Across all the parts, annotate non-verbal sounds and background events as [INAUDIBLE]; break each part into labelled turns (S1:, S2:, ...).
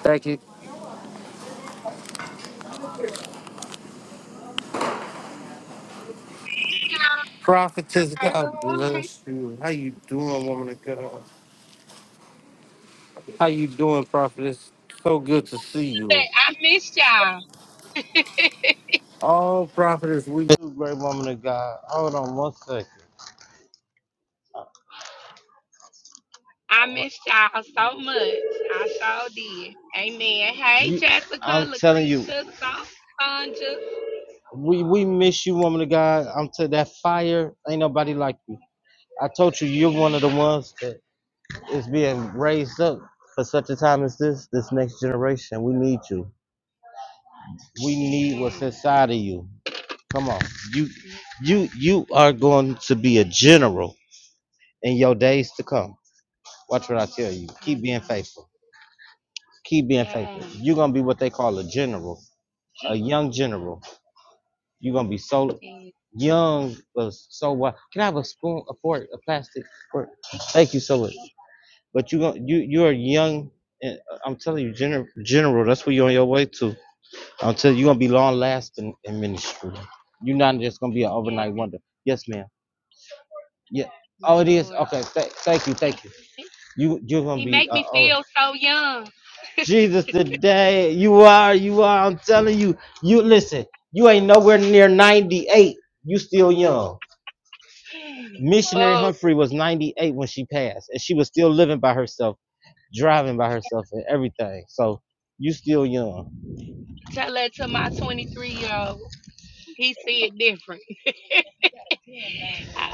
S1: Thank you. Prophetess,
S2: Praise the
S1: God
S2: Lord.
S1: bless you. How you doing, woman of God? How you doing, prophetess? So good to see you.
S2: I missed y'all. [LAUGHS]
S1: Oh, prophetess, we do, great woman of God. Hold on one second.
S2: I missed y'all so much. I sure did. Amen. Hey,
S1: You,
S2: Jessica,
S1: I'm telling you,
S2: Lucretia, Son- Sonja.
S1: we we miss you, woman of God. I'm to that fire. Ain't nobody like you. I told you, you're one of the ones that is being raised up for such a time as this. This next generation, we need you. We need what's
S2: Yes.
S1: inside of you. Come on. You
S2: Yes,
S1: you you are going to be a general in your days to come. Watch what I tell you.
S2: I
S1: Keep being
S2: know.
S1: faithful. Keep being faithful.
S2: Yes.
S1: You're gonna be what they call a general, a
S2: Jen.
S1: young general. You're gonna be so
S2: Yes.
S1: young but so what can I have a spoon, a fork, a plastic fork?
S2: [LAUGHS]
S1: Thank you so much. But you going you you're young and uh, I'm telling you, general general, that's what you're on your way to. I'm telling you, you're gonna be long lasting in ministry. You're not just gonna be an
S2: Yes,
S1: overnight wonder. Yes, ma'am. Yeah.
S2: my
S1: Oh, it is.
S2: Lord.
S1: Okay. Th- thank you. Thank you. You you're
S2: [LAUGHS]
S1: gonna
S2: he
S1: be.
S2: make
S1: Uh,
S2: me
S1: oh,
S2: feel so young. [GASPS]
S1: Jesus, today you are. You are. I'm telling you. You listen. You ain't nowhere near 98. You still young. Missionary
S2: Oh,
S1: Humphrey was 98 when she passed, and she was still living by herself, driving by herself, and everything. So you still young.
S2: tell that to my 23 year old. He see it different. [LAUGHS]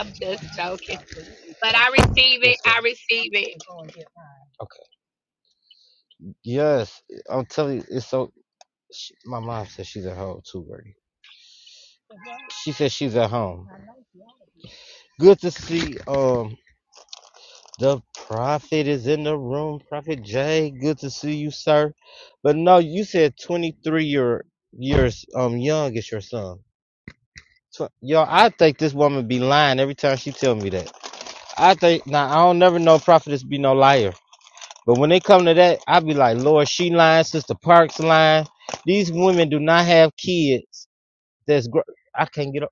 S2: I'm just joking. But I receive it.
S1: Yes, ma'am.
S2: I receive it.
S1: Okay. Yes, I'm telling you, it's so She, my mom says she's at home too, Birdie. She says she's at home. like Good to see um the prophet is in the room. Prophet Jay, good to see you, sir. But no, you said 23 year years um young is your son. Tw- Yo, I think this woman be lying every time she tell me that. I think now I don't never know prophetess be no liar. But when they come to that, I be like, Lord, she lying, Sister Parks lying. These women do not have kids. That's gr- I can't get.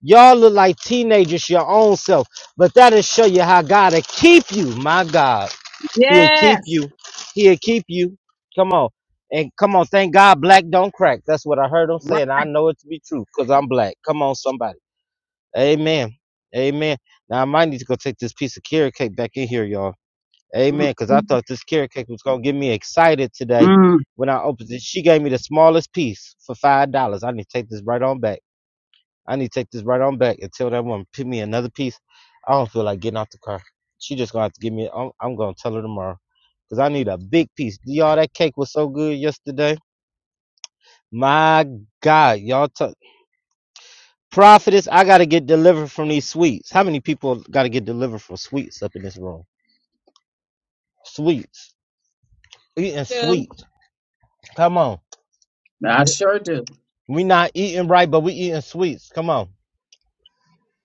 S1: Y'all look like teenagers, your own self. But that'll show you how God will keep you. My God. He'll keep
S3: Yes.
S1: you. He'll keep you. Come on. And come on, thank God black don't crack. That's what I heard him
S3: Right.
S1: say, and I know it to be true because I'm black. Come on, somebody. Amen. Amen. Now I might need to go take this piece of carrot cake back in here, y'all.
S3: Mm,
S1: Amen. Because I
S3: mm,
S1: thought this carrot cake was going to get me excited today
S3: mm.
S1: when I opened it. She gave me the smallest piece for $5. I need to take this right on back. I need to take this right on back and tell that woman pick me another piece. I don't feel like getting out the car. She just gonna have to give me. I'm, I'm gonna tell her tomorrow because I need a big piece. Y'all, that cake was so good yesterday. My God, y'all, t- prophetess, I gotta get delivered from these sweets. How many people gotta get delivered from sweets up in this room? Sweets, eating
S3: Do.
S1: sweets. Come on,
S3: I sure do.
S1: we not eating right, but we eating sweets. Come on.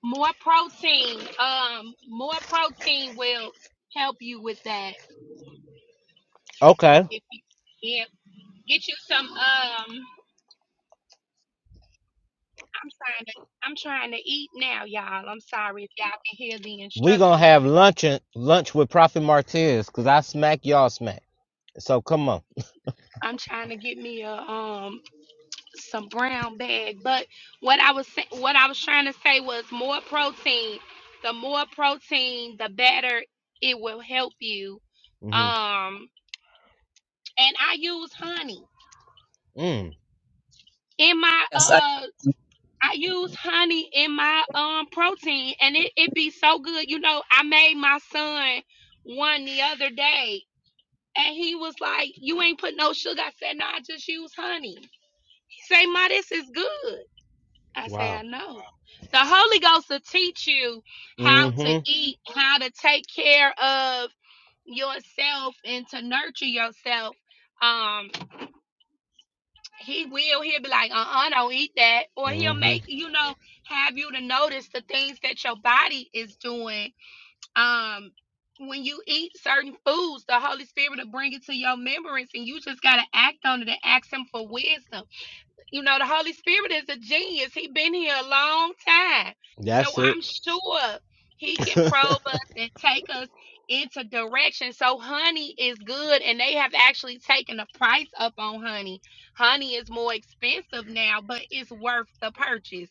S2: More protein, um, more protein will help you with that.
S1: Okay,
S2: If you, yeah, get you some. Um, I'm trying to, I'm trying to eat now, y'all. I'm sorry if y'all can hear the
S1: we gonna
S2: instructions. And
S1: have lunch and lunch with Prophet Martez because I smack y'all smack. So come on.
S2: I'm trying to get me a um some brown bag. But what I was sa- what I was trying to say was more protein. The more protein, the better it will help you.
S1: hmm
S2: Um, and I use honey
S1: Mm.
S2: in my
S3: Yes. I,
S2: uh I use honey in my um protein and it, it be so good. You know, I made my son one the other day and he was like, You ain't put no sugar. I said, No, I just use honey. He say, Ma, this is good. I say, I
S1: Wow.
S2: know. The Holy Ghost will teach you
S1: hmm
S2: how to
S1: hmm
S2: eat, how to take care of yourself and to nurture yourself. um. he will he'll be like uh-uh don't eat that or he'll make you know have you to notice the things that your body is doing um when you eat certain foods the holy spirit will bring it to your remembrance and you just got to act on it and ask him for wisdom you know, the Holy Spirit is a genius. He's been here a long time. So
S1: That's it.
S2: I'm sure he
S1: [LAUGHS]
S2: can probe us and take us into direction. So honey is good and they have actually taken the price up on honey. Honey is more expensive now, but it's worth the purchase.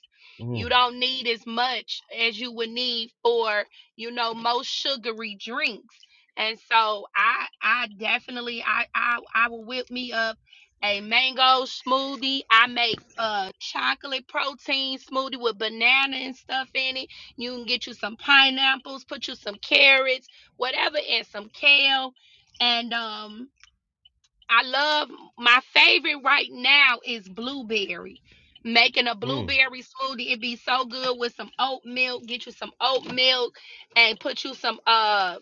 S2: You
S1: mm.
S2: don't need as much as you would need for, you know, most sugary drinks. And so I I definitely I I I will whip me up a mango smoothie. I make a chocolate protein smoothie with banana and stuff in it. You can get you some pineapples, put you some carrots, whatever, and some kale. And um, I love my favorite right now is blueberry. Making a
S1: Mm.
S2: blueberry smoothie, it'd be so good with some oat milk. Get you some oat milk and put you some uh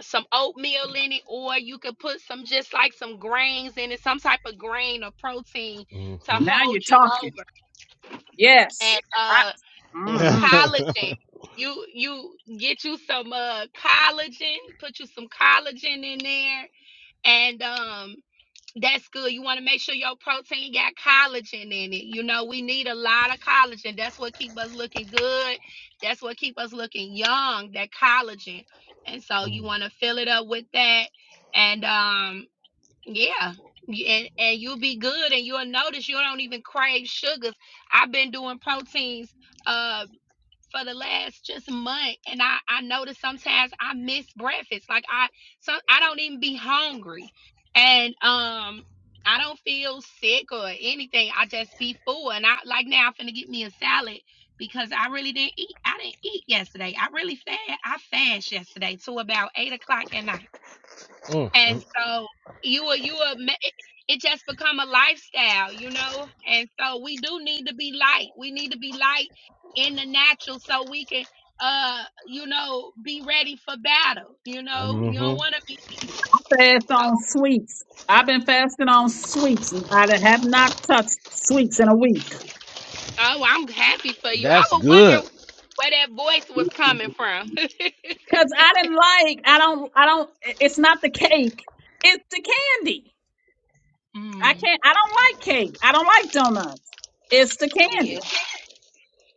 S2: some oatmeal in it, or you could put some just like some grains in it, some type of grain or protein to
S1: hmm
S3: Now you're
S2: hold you
S3: talking.
S2: over.
S3: Yes.
S2: And
S3: I
S2: uh
S3: mm-hmm.
S1: [LAUGHS]
S2: collagen. You you get you some uh collagen, put you some collagen in there, and um that's good. You want to make sure your protein got collagen in it. You know, we need a lot of collagen. That's what keep us looking good. That's what keep us looking young, that collagen. And so you
S1: Mm,
S2: want to fill it up with that. And um, yeah. You- And, and you'll be good and you'll notice you don't even crave sugars. I've been doing proteins uh, for the last just month and I I noticed sometimes I miss breakfast. Like I some I don't even be hungry. And um I don't feel sick or anything. I just be full and I like now I'm finna get me a salad because I really didn't eat. I didn't eat yesterday. I really fast I fast yesterday till about eight o'clock at night
S1: mm,
S2: and
S1: mm,
S2: so you are you are ma- it, it just become a lifestyle you know and so we do need to be light we need to be light in the natural so we can uh you know be ready for battle you know you don't
S1: mhm.
S2: want to be
S3: fast
S2: oh,
S3: on sweets. I've been fasting on sweets. I done have not touched sweets in a week.
S2: oh i'm happy for you i
S1: That's
S2: would wonder
S1: good.
S2: where that voice was coming from [LAUGHS]
S3: Cause I didn't like, I don't, I don't, it's not the cake. It's the candy. I
S2: mm,
S3: can't, I don't like cake. I don't like donuts. It's the
S2: yeah
S3: candy.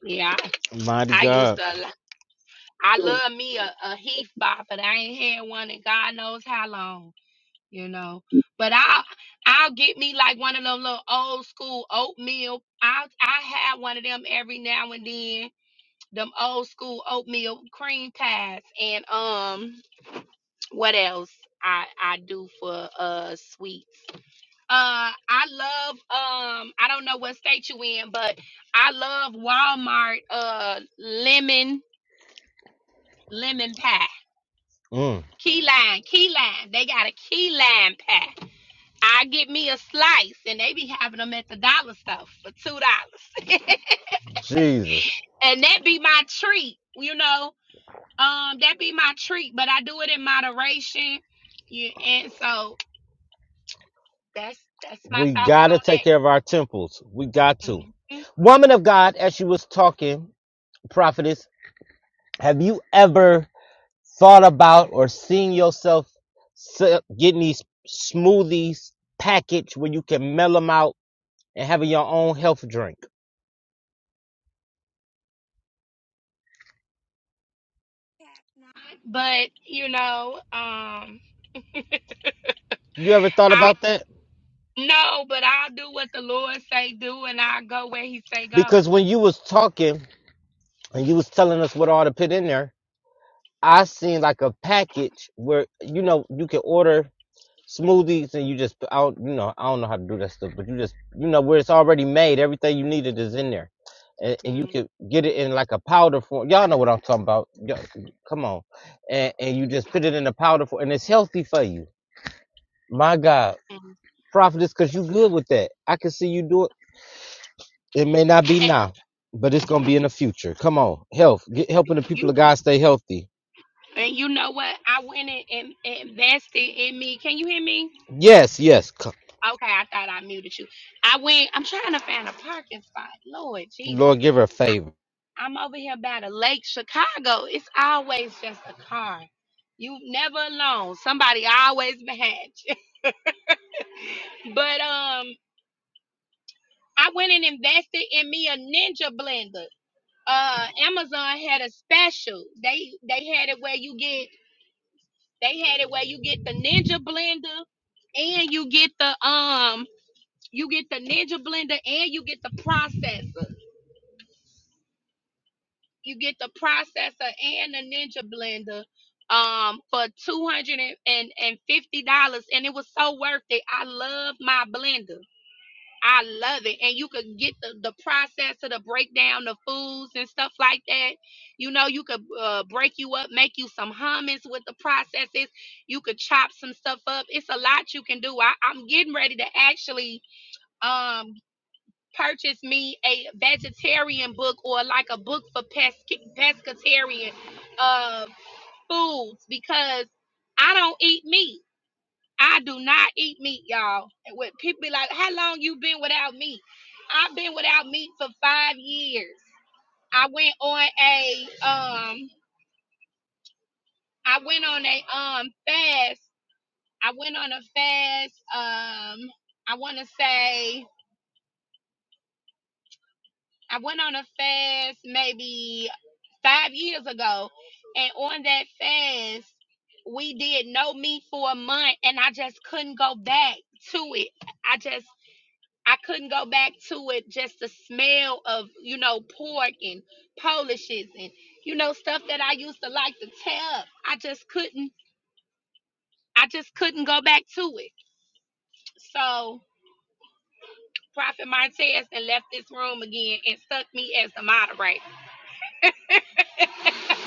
S2: yeah i
S1: Mighty
S2: I used
S1: God.
S2: to i love me a, a heath bar but i ain't had one in god knows how long you know. But I'll I'll get me like one of them little old school oatmeal. I I have one of them every now and then. Them old school oatmeal cream pies and um what else I I do for uh sweets. Uh I love um I don't know what state you in, but I love Walmart uh lemon lemon pie.
S1: Mm,
S2: Key lime, key lime. They got a key lime pie. I get me a slice, and they be having them at the dollar store for two dollars, [LAUGHS]
S1: Jesus.
S2: and that be my treat. You know, um, that be my treat, but I do it in moderation. You and so that's that's my
S1: We
S2: thoughts
S1: got to
S2: on
S1: take care
S2: that.
S1: of our temples. We got to.
S2: Mhm
S1: Woman of God, as she was talking, prophetess, have you ever thought about or seen yourself se- getting these smoothies packaged where you can melt them out? and having your own health drink.
S2: but you know, um,
S1: You ever thought
S2: I
S1: about that?
S2: know, but I'll do what the Lord say do, and I go where He say go.
S1: Because when you was talking and you was telling us what all to put in there, I seen like a package where you know you can order smoothies and you just I don't you know I don't know how to do that stuff, but you just you know where it's already made, everything you needed is in there, and, and you
S2: Mm,
S1: could get it in like a powder form. Y'all know what I'm talking about. Yo, come on, and and you just put it in a powder form, and it's healthy for you. My God,
S2: mm. And
S1: prophetess, cause you good with that. I can see you do it. It may not be now, but it's gonna be in the future. Come on, health, get helping the people
S2: you
S1: of God stay healthy.
S2: and you know what? I went and, and invested in me. Can you hear me?
S1: Yes, yes. Come.
S2: Okay, I thought I muted you. I went. I'm trying to find a parking spot. Lord Jesus,
S1: Lord, give her a
S2: I,
S1: favor.
S2: I'm over here by the lake, Chicago. It's always just a car. You never alone. Somebody always behind you. [LAUGHS] But um, I went and invested in me a ninja blender. Uh, Amazon had a special. They they had it where you get they had it where you get the ninja blender and you get the um you get the ninja blender and you get the processor. you get the processor and the ninja blender um for two hundred and fifty dollars and it was so worth it. I love my blender. I love it. And you could get the, the processor to break down the foods and stuff like that. You know, you could uh, break you up, make you some hummus with the processes. You could chop some stuff up. It's a lot you can do. I, I'm getting ready to actually um purchase me a vegetarian book or like a book for pesca- pescatarian uh, foods because I don't eat meat. I do not eat meat, y'all. And When people be like, "How long you been without meat?" I've been without meat for five years. I went on a um, I went on a um fast. I went on a fast. Um, I want to say I went on a fast maybe five years ago, and on that fast, we did no meat for a month, and I just couldn't go back to it. I just I couldn't go back to it. Just the smell of you know pork and polishes and you know stuff that I used to like to tell. I just couldn't. I just couldn't go back to it. So Prophet Martez and left this room again and stuck me as the moderator. [LAUGHS]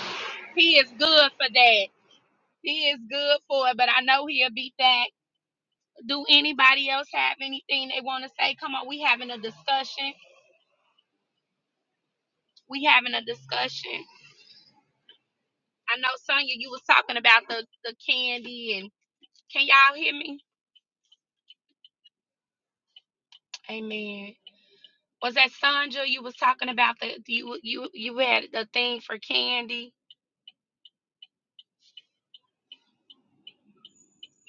S2: He is good for that. He is good for it, but I know he'll be back. Do anybody else have anything they want to say? Come on, we having a discussion. We having a discussion. I know Sonya, you was talking about the the candy, and can y'all hear me? Amen. Was that Sandra? You was talking about the you you you had the thing for candy,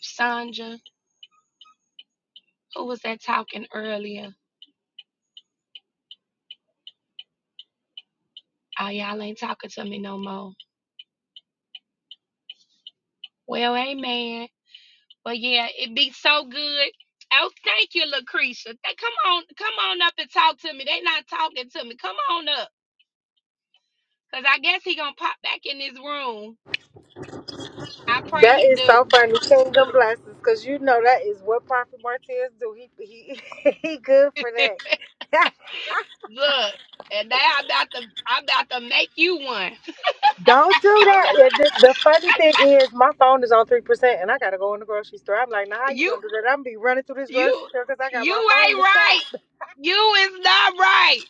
S2: Sandra. Who was that talking earlier? Oh, y'all ain't talking to me no more. Well, amen. But yeah, it be so good. Oh, thank you, Lucretia. Th- come on, come on up and talk to me. They not talking to me. Come on up, cause I guess he gonna pop back in this room. I pray
S4: That
S2: he
S4: is
S2: do.
S4: so funny. Kingdom blessings, because you know that is what Prophet Martinez do. He he [LAUGHS] he good for that.
S2: Look, and now I'm about to, I'm about to make you one. [LAUGHS]
S4: [LAUGHS] Don't do that. And The, the funny thing is, my phone is on three percent, and I gotta go in the grocery store. I'm like, nah, how you
S2: You,
S4: gonna do that? I'm gonna be running through this
S2: you,
S4: grocery store because I got
S2: you
S4: my phone
S2: ain't
S4: in the
S2: right.
S4: tap.
S2: You is not right.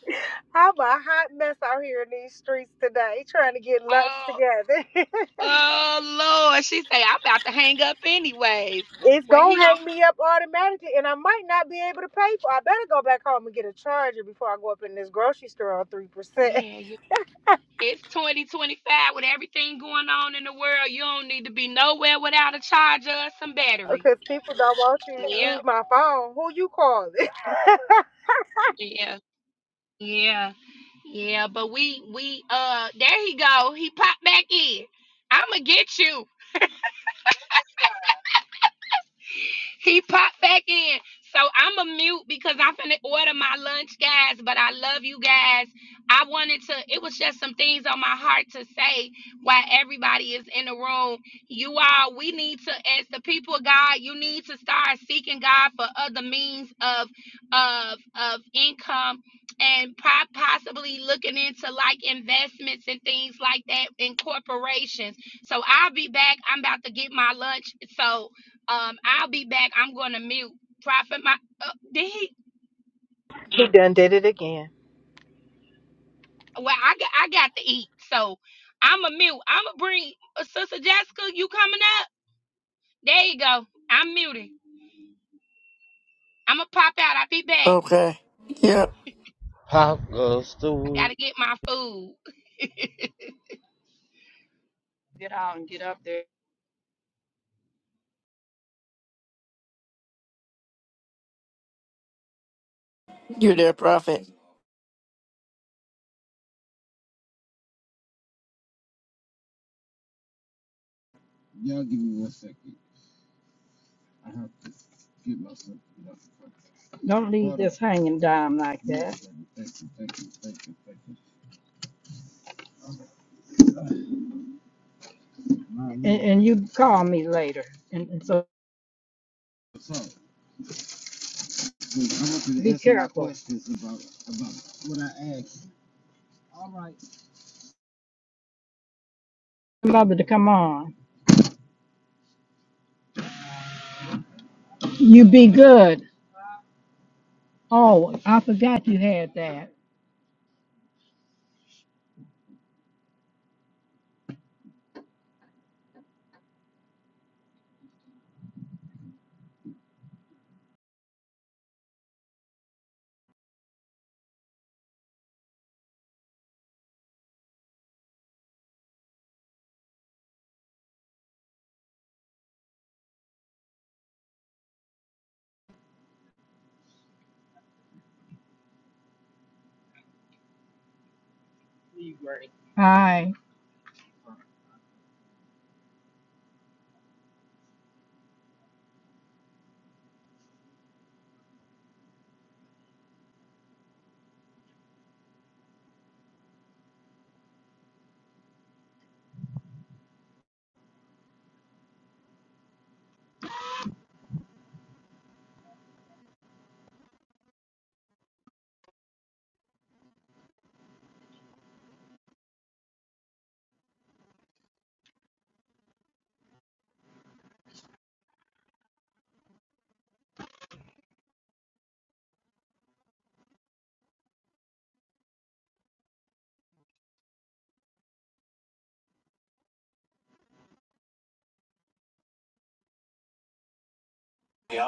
S4: I'm a hot mess out here in these streets today, trying to get lunch
S2: Oh,
S4: together. [LAUGHS]
S2: oh Lord, she say I'm about to hang up anyways.
S4: it's
S2: Well, he
S4: gonna
S2: gonna,
S4: hang me up automatically, and I might not be able to pay for. I better go back home and get a charger before I go up in this grocery store on three percent.
S2: yeah, It's 2025 with everything going on in the world. You don't need to be nowhere without a charger or some battery.
S4: Because people don't want you to
S2: Yep,
S4: use my phone. Who you calling? [LAUGHS]
S2: yeah, yeah, yeah. But we, we, uh, there he go. He popped back in. I'ma get you. He popped back in. So I'm a mute because I'm finna order my lunch, guys. But I love you guys. I wanted to, it was just some things on my heart to say while everybody is in the room. You all, we need to, as the people of God, you need to start seeking God for other means of of of income and po- possibly looking into like investments and things like that in corporations. So I'll be back. I'm about to get my lunch. So um, I'll be back. I'm going to mute. Prophet, my uh, did he?
S4: He done did it again.
S2: Well, I got I got to eat, so I'm a mute. I'm gonna bring uh, Sister Jessica. You coming up? There you go. I'm muted. I'm gonna pop out. I'll be back.
S5: Okay. Yep.
S1: How goes the
S2: I
S1: wind?
S2: gotta get my food.
S1: Get out and get up there.
S5: You're there, prophet.
S1: Don't leave this hanging down like that. And, and you call me later. And, and so be careful. Mother to come on. You be good. Oh, I forgot you had that. Bye.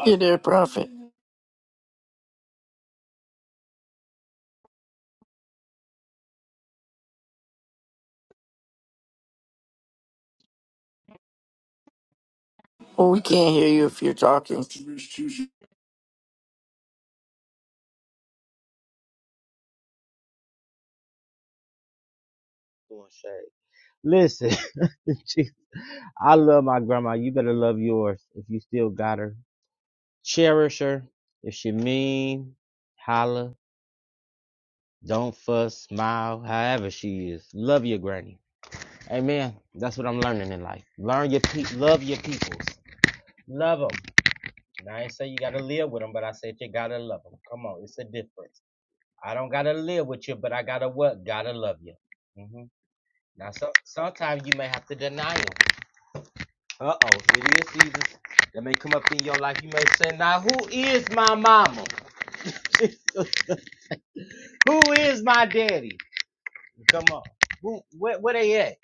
S5: You're there, prophet. Well, we can't hear you if you're talking.
S1: Listen, [LAUGHS] Jeez. I love my grandma. You better love yours if you still got her. Cherish her. If she mean, holler. don't fuss, smile, however she is. Love your granny. Amen. That's what I'm learning in life. Learn your pe- love your peoples. Love them. Now, I ain't say you gotta live with them, but I said you gotta love them. Come on, it's a difference. I don't gotta live with you, but I gotta what? Gotta love you. hmm Now, so- sometimes you may have to deny deny 'em. Uh oh, it is seasons that may come up in your life. You may say, Now, who is my mama? [LAUGHS] who is my daddy? Come on. Who, where, where they at?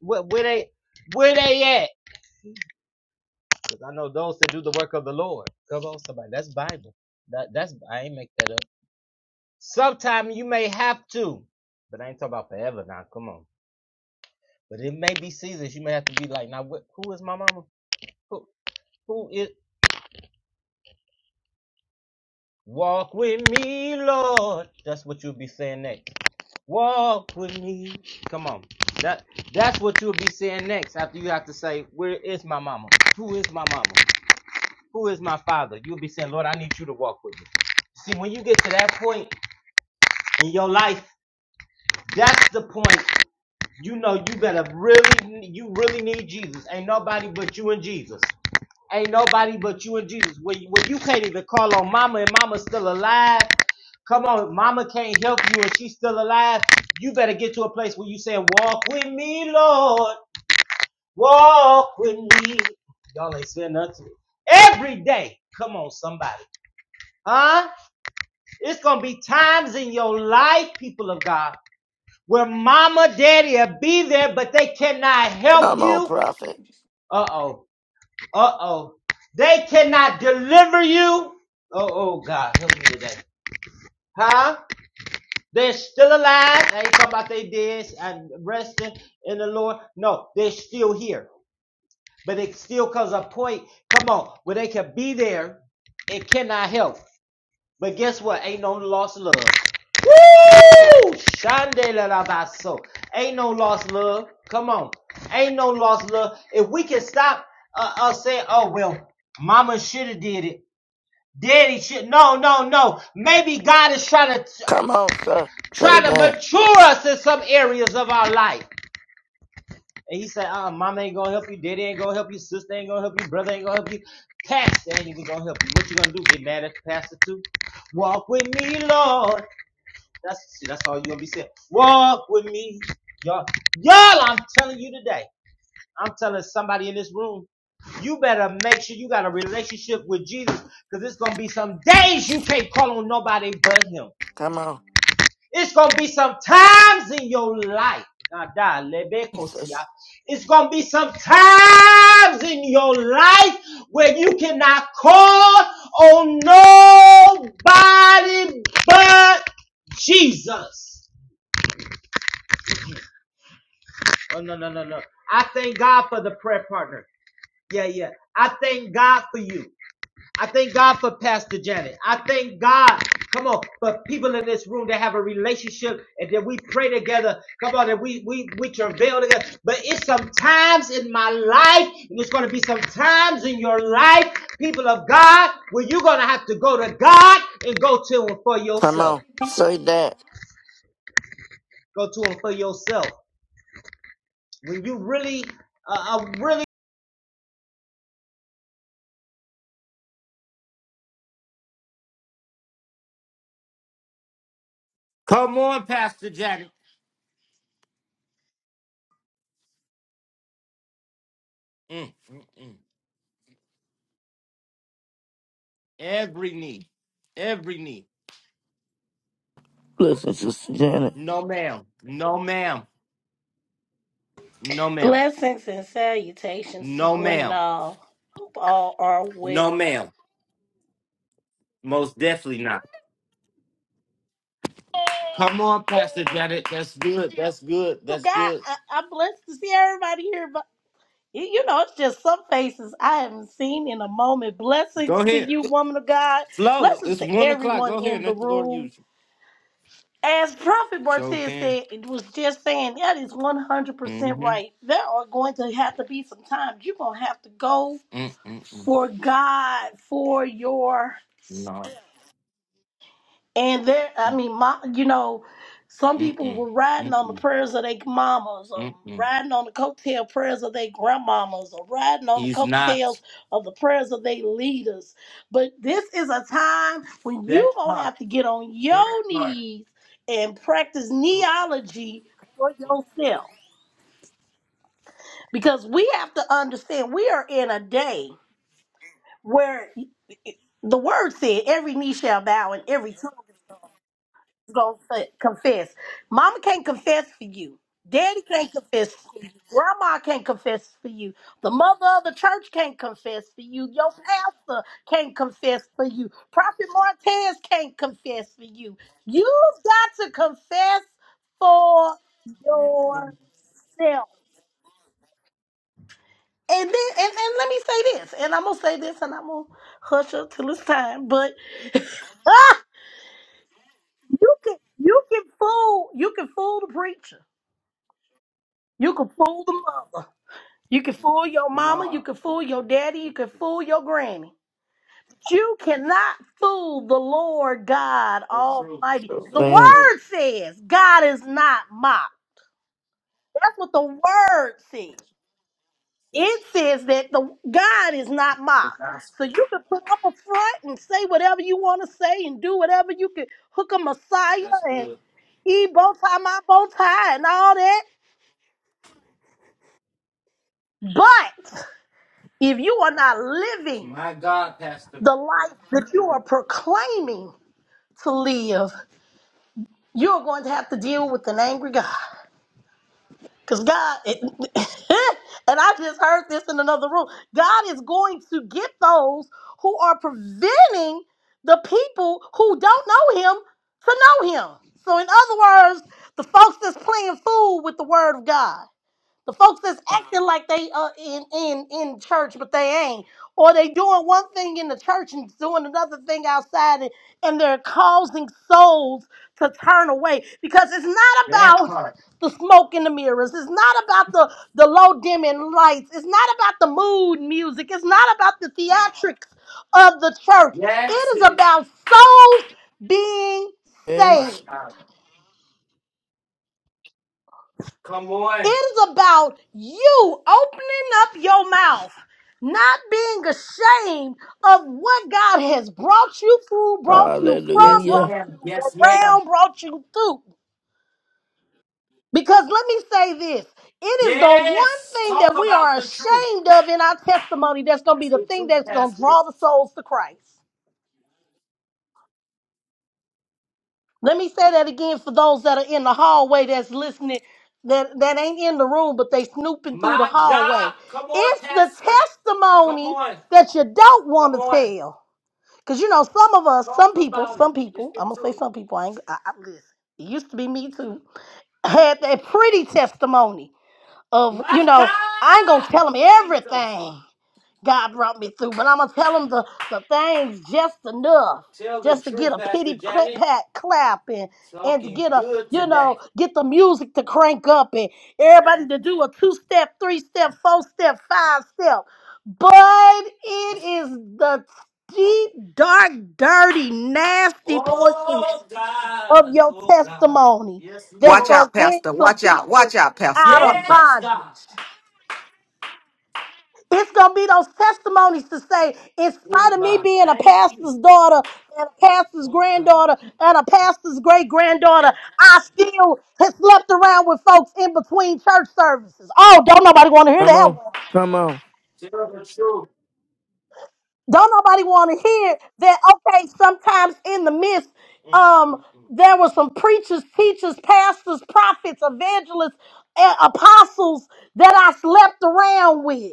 S1: Where, where they where they at? Because I know those that do the work of the Lord. Come on, somebody. That's Bible. That that's I ain't make that up. Sometime you may have to, but I ain't talking about forever now. Come on. But it may be seasons you may have to be like, now what, who is my mama? Who who is walk with me, Lord? That's what you'll be saying next. Walk with me. Come on. That that's what you'll be saying next after you have to say, Where is my mama? Who is my mama? Who is my father? You'll be saying, Lord, I need you to walk with me. See, when you get to that point in your life, that's the point you know you better really you really need Jesus. Ain't nobody but you and Jesus. Ain't nobody but you and Jesus. When, you, when you can't even call on mama and mama's still alive, come on, mama can't help you and she's still alive, you better get to a place where you say, Walk with me, Lord. Walk with me. Y'all ain't saying nothing. Every day. Come on, somebody. Huh? It's going to be times in your life, people of God, where mama, daddy will be there, but they cannot help
S5: Come on,
S1: you.
S5: prophet.
S1: Uh oh. Uh oh. They cannot deliver you. Oh, oh, God, help me today. Huh? They're still alive. I ain't talking about they dead and resting in the Lord. No, they're still here. But it still comes a point, come on, where they can be there. It cannot help. But guess what? Ain't no lost love. Woo! Shandela la basso. Ain't no lost love. Come on. Ain't no lost love. If we can stop uh, us saying, oh, well, mama should have did it. Daddy should. No, no, no. Maybe God is trying to,
S5: Come on, sir. Say
S1: trying to
S5: that.
S1: mature us in some areas of our life. And he said, uh, mama ain't gonna help you, daddy ain't gonna help you, sister ain't gonna help you, brother ain't gonna help you, pastor ain't even gonna help you. What you gonna do? Get mad at the pastor too? Walk with me, Lord. That's that's all you're gonna be saying. Walk with me, y'all. Y'all, I'm telling you today. I'm telling somebody in this room. You better make sure you got a relationship with Jesus, because it's gonna be some days you can't call on nobody but Him.
S5: Come on.
S1: It's gonna be some times in your life.
S5: Jesus.
S1: It's gonna be some times in your life where you cannot call on nobody but Jesus. Oh no, no, no, no. I thank God for the prayer partner. Yeah, yeah. I thank God for you. I thank God for Pastor Janet. I thank God. Come on, for people in this room that have a relationship and that we pray together. Come on, that we we we travail together. But it's sometimes in my life, and it's gonna be sometimes in your life, people of God, where you're gonna have to go to God and go to Him for
S5: Come
S1: yourself.
S5: on. Say that.
S1: Go to Him for yourself. When you really, uh, uh, really. Come on, Pastor Janet. Mm, mm, mm. Every knee. Every knee.
S5: Listen, Sister Janet.
S1: No ma'am. No ma'am. No ma'am.
S6: Blessings and salutations to
S1: No
S6: one and
S1: ma'am.
S6: all. Hope all are well.
S1: No ma'am. Most definitely not. Come on, Pastor Janet. That's good. That's good.
S6: So
S1: That's
S6: God,
S1: good.
S6: I, I'm blessed to see everybody here, but you, you know, it's just some faces I haven't seen in a moment.
S1: Go
S6: Blessings to
S1: ahead.
S6: you, woman of God.
S1: Flow.
S6: Blessings
S1: It's
S6: to
S1: one o'clock.
S6: everyone
S1: Go ahead.
S6: in
S1: and
S6: the
S1: Let the Lord
S6: room.
S1: use you.
S6: As Prophet
S1: Show
S6: Martez
S1: can.
S6: said, it was just saying that is 100%
S1: Mm-hmm.
S6: right. There are going to have to be some times you're going to have to go
S1: Mm-mm-mm.
S6: for God, for your
S1: No.
S6: And there, I mean, my, you know, some people
S1: Mm-mm.
S6: were riding on the
S1: Mm-mm.
S6: prayers of their mamas, or
S1: Mm-mm.
S6: riding on the coattail prayers of their grandmamas, or riding on the
S1: He's
S6: coattails
S1: not.
S6: of the prayers of their leaders. But this is a time when you
S1: That
S6: gonna have
S1: part.
S6: to get on your
S1: That part.
S6: knees and practice neology for yourself, because we have to understand we are in a day where the word said, "Every knee shall bow and every tongue." gonna fa- confess. Mama can't confess for you. Daddy can't confess for you. Grandma can't confess for you. The mother of the church can't confess for you. Your pastor can't confess for you. Prophet Martez can't confess for you. You've got to confess for yourself. And then, and, and let me say this, and I'm gonna say this, and I'm gonna hush up till it's time. But [LAUGHS] you can, you can fool, you can fool the preacher, you can fool the mother. You can fool your mama, you
S1: No.
S6: can fool your daddy, you can
S1: Mm-mm.
S6: fool your granny. You cannot fool the Lord God
S1: So true.
S6: Almighty.
S5: So
S6: The
S1: So
S5: Damn.
S1: true.
S6: word says God is not mocked. That's what the word says.
S1: It's
S6: It says that the God is not
S1: the
S6: mocked. So
S1: gospel.
S6: you can put up a front and say whatever you want to say and do whatever you can hook a messiah
S1: That's
S6: and
S1: good.
S6: he bow tie my bow tie and all that. But if you are not living
S1: My God, Pastor.
S6: The life that you are proclaiming to live, you're going to have to deal with an angry God. Because God, [LAUGHS] and I just heard this in another room, God is going to get those who are preventing the people who don't know Him to know Him. So, in other words, the folks that's playing fool with the Word of God. The folks that's acting like they uh in in in church, but they ain't, or they doing one thing in the church and doing another thing outside, and, and they're causing souls to turn away because it's not
S1: That
S6: about
S1: part.
S6: the smoke in the mirrors. It's not about the the low dimming lights. It's not about the mood music. It's not about the theatrics of the church.
S1: Yes,
S6: It is
S1: it.
S6: about souls being
S1: My
S5: Yes.
S6: saved.
S1: God. Come
S6: It
S1: on.
S6: is about you opening up your mouth, not being ashamed of what God has brought you through, brought you from,
S1: Yes,
S6: brought
S5: Hallelujah.
S1: ma'am.
S6: you
S1: Yes, ma'am.
S6: around, brought you through. Because let me say this it is the one
S1: Yes.
S6: thing
S1: Talk
S6: that we
S1: about
S6: are
S1: the truth.
S6: ashamed of in our testimony that's going to be
S1: That's
S6: the
S1: the
S6: thing
S1: truth,
S6: that's going to
S1: Pastor.
S6: draw the souls to Christ. Let me say that again for those that are in the hallway that's listening, that, that ain't in the room, but they snooping through the
S1: My
S6: hallway.
S1: God. Come on,
S6: It's the
S1: Pastor. Come
S6: testimony
S1: on.
S6: that you don't
S1: Come
S6: want to
S1: on.
S6: tell. Because, you know, some of us, some
S1: Talk
S6: people,
S1: about it.
S6: some
S1: It's
S6: people,
S1: the
S6: I'm going to say
S1: truth.
S6: some people, I ain't, I, I, listen, it used to be me too, had that pretty testimony of, you
S1: My
S6: know,
S1: God.
S6: I ain't going to tell them
S1: Jesus.
S6: everything. God brought me through. But I'm gonna tell them the, the things just enough,
S1: Tell the
S6: just to get
S1: truth,
S6: a
S1: Pastor
S6: pity clap,
S1: Janet.
S6: pat, clap and and to
S1: Talking
S6: get a
S1: good
S6: you know
S1: today.
S6: get the music to crank up and everybody to do a two step, three step, four step, five step. But it is the deep, dark, dirty, nasty portions
S1: Oh
S6: of
S1: God,
S6: your
S1: oh God.
S6: testimony
S1: Yes,
S6: that's
S7: Watch
S1: Lord.
S6: gonna
S7: out,
S6: bring
S7: Pastor.
S6: some
S7: Watch out. Watch
S6: people
S7: out, Pastor.
S6: out
S7: Watch
S6: of
S7: out.
S1: Yes, God.
S6: bondage. It's gonna be those testimonies to say, in
S1: Oh
S6: spite of me
S1: God,
S6: being a
S1: thank you.
S6: pastor's daughter and a pastor's
S1: Oh God.
S6: granddaughter and a pastor's great granddaughter, I still have slept around with folks in between church services. Oh, don't nobody want to hear
S5: Come
S6: that
S5: on.
S6: one.
S5: Come on.
S1: Tell the truth.
S6: Don't nobody want to hear that. Okay, sometimes in the midst,
S1: Mm, mm,
S6: um,
S1: mm.
S6: there were some preachers, teachers, pastors, prophets, evangelists, and apostles that I slept around with.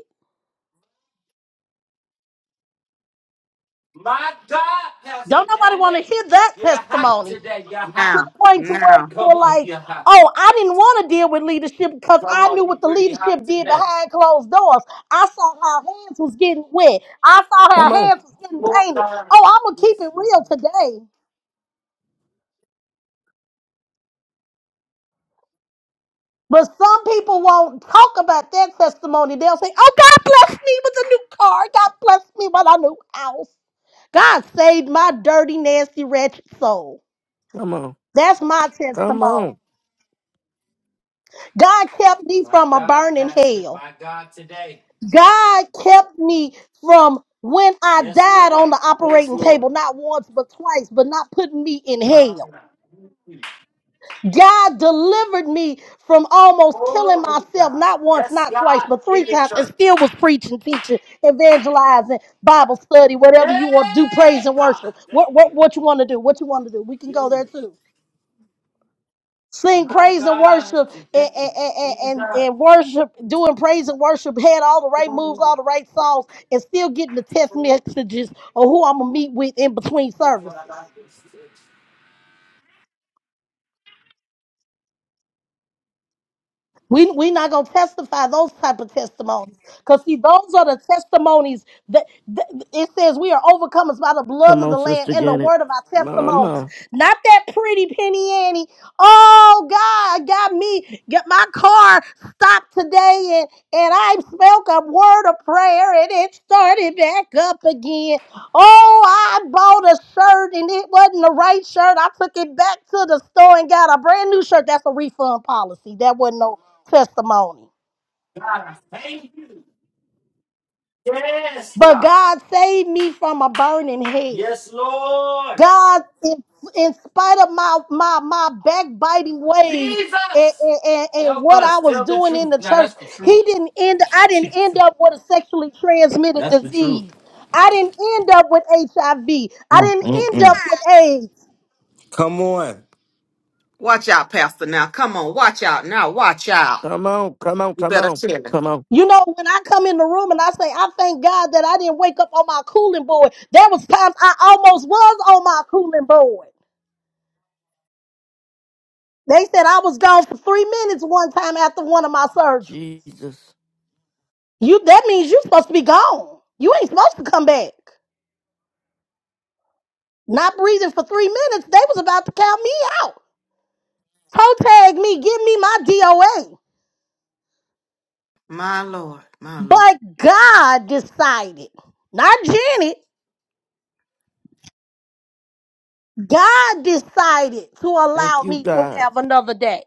S1: My God, Pastor
S6: Don't nobody want to
S1: Janet,
S6: hear that
S1: you're hot
S6: testimony.
S1: today. You're
S6: to
S1: hot.
S7: Now,
S6: the point to where
S7: now.
S6: you
S1: Come
S6: were
S1: on,
S6: like,
S1: you're hot.
S6: oh, I didn't want to deal with leadership because
S1: Come
S6: I
S1: on,
S6: knew
S1: you
S6: what the
S1: pretty
S6: leadership
S1: hot
S6: did
S1: today.
S6: behind closed doors. I saw how hands was getting wet. I saw
S5: Come
S6: how
S5: on.
S6: hands was getting
S1: Oh
S6: painted. Oh,
S1: God.
S6: I'm gonna keep
S1: Yes,
S6: it
S1: Lord.
S6: real today. But some people won't talk about their testimony. They'll say, Oh, God blessed me with a new car. God blessed me with a new house. God saved my dirty, nasty, wretched soul.
S5: Come on.
S6: That's my
S5: Come
S6: testimony.
S5: on.
S6: God kept me
S1: My
S6: from a
S1: God,
S6: burning
S1: Pastor,
S6: hell.
S1: my God today.
S6: God kept me from when I
S1: Yes,
S6: died
S1: Lord.
S6: on the
S1: Yes,
S6: operating
S1: Lord.
S6: table, not once but twice, but not putting me in hell.
S1: Hallelujah.
S6: God delivered me from almost killing
S1: Oh, God.
S6: myself, not once,
S1: Yes,
S6: not twice,
S1: God.
S6: but three
S1: In your
S6: times, and
S1: church.
S6: still was preaching, teaching, evangelizing, Bible study, whatever you want to do, praise
S1: Hey,
S6: and
S1: God.
S6: worship. What,
S1: Thank
S6: what,
S1: you.
S6: what you want to do, what you want to do. We can go there
S1: Jesus.
S6: too. sing
S1: My
S6: praise and
S1: God.
S6: worship
S1: Today.
S6: and, and, and,
S1: Jesus.
S6: and, and worship, doing praise and worship, had all the right moves,
S1: Oh,
S6: all the right songs, and still getting the text
S1: Lord.
S6: messages of who I'm gonna meet with in between
S1: That's what I
S6: services.
S1: got this church.
S6: We we not gonna testify those type of testimonies, cause see those are the testimonies that, that it says we are overcomers by the blood
S5: Come
S6: of
S5: on,
S6: the Lamb
S5: Sister
S6: and the
S5: Janet.
S6: word of our testimonies.
S5: Mama.
S6: Not that pretty penny Annie. Oh God, I got me. Get my car stopped today, and and I spoke a word of prayer, and it started back up again. Oh, I bought a shirt, and it wasn't the right shirt. I took it back to the store and got a brand new shirt. That's a refund policy. That wasn't no testimony.
S1: God, I thank you. Yes,
S6: But
S1: God.
S6: God saved me from a burning hell.
S1: Yes, Lord.
S6: God, in, in spite of my my my backbiting ways and,
S1: Jesus.
S6: and, and, and
S1: Help
S6: what I
S1: us.
S6: was
S1: Tell the
S6: doing in
S1: truth.
S6: the
S1: Now,
S6: church,
S1: that's the truth.
S6: He didn't end. I didn't end up with a sexually transmitted
S1: That's the truth.
S6: disease. I didn't end up with HIV. I V. I didn't end up with AIDS.
S7: Watch out, Pastor. Now, come on. Watch out. Now, watch out.
S5: Come on. Come on.
S7: You
S5: Come
S7: better
S5: on.
S7: chill it.
S5: Come on.
S6: You know, when I come in the room and I say, I thank God that I didn't wake up on my cooling board, there was times I almost was on my cooling board. They said I was gone for three minutes one time after one of my surgeries.
S5: Jesus.
S6: You that means you're supposed to be gone. You ain't supposed to come back. Not breathing for three minutes, they was about to count me out. Toe tag me, give me my DOA.
S7: My Lord. My Lord.
S6: But God decided, not Janet, God decided to
S5: Thank
S6: allow
S5: you,
S6: me to
S5: God.
S6: have another day.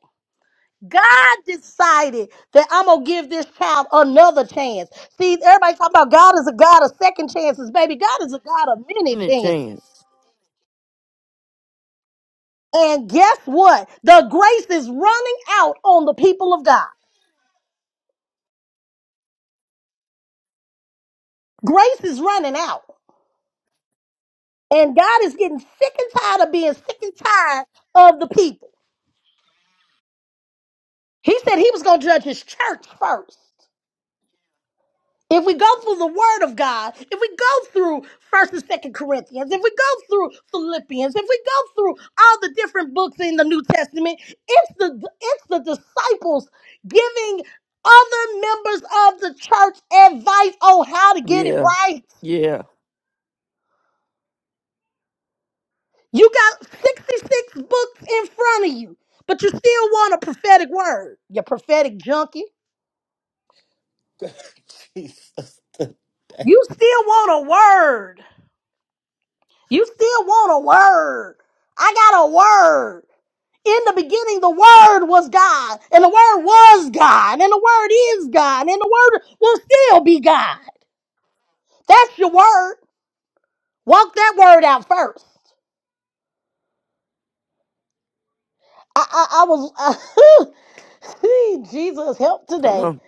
S6: God decided that I'm gonna give this child another chance. See, everybody talking about God is a God of second chances, baby. God is a God of many
S5: Any
S6: chances.
S5: chance?
S6: And guess what? The grace is running out on the people of God. Grace is running out. And God is getting sick and tired of being sick and tired of the people. He said he was gonna judge his church first. If we go through the Word of God, if we go through First and Second Corinthians, if we go through Philippians, if we go through all the different books in the New Testament, it's the it's the disciples giving other members of the church advice on how to get it
S5: Yeah,
S6: right.
S5: yeah.
S6: You got 66 books in front of you, but you still want a prophetic word. You prophetic junkie. You still want a word. You still want a word. I got a word. In the beginning, the Word was God, and the Word was God, and the Word is God, and the Word will still be God. That's your Word. Walk that Word out first. I, I, I was, [LAUGHS] see, Jesus help
S5: Come
S6: today.
S5: on,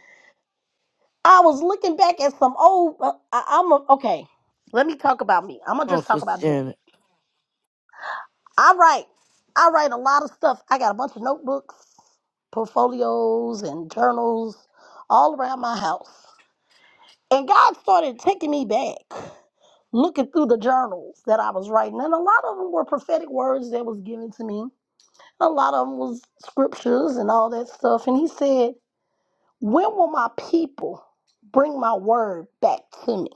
S6: I was looking back at some old, uh, I, I'm a, okay, let me talk about me. I'm going to
S5: come on,
S6: just talk
S5: Sister
S6: about Janet.
S5: Janet.
S6: I write, I write a lot of stuff. I got a bunch of notebooks, portfolios, and journals all around my house. And God started taking me back, looking through the journals that I was writing. And a lot of them were prophetic words that was given to me. A lot of them was scriptures and all that stuff. And he said, When will my people bring my word back to me?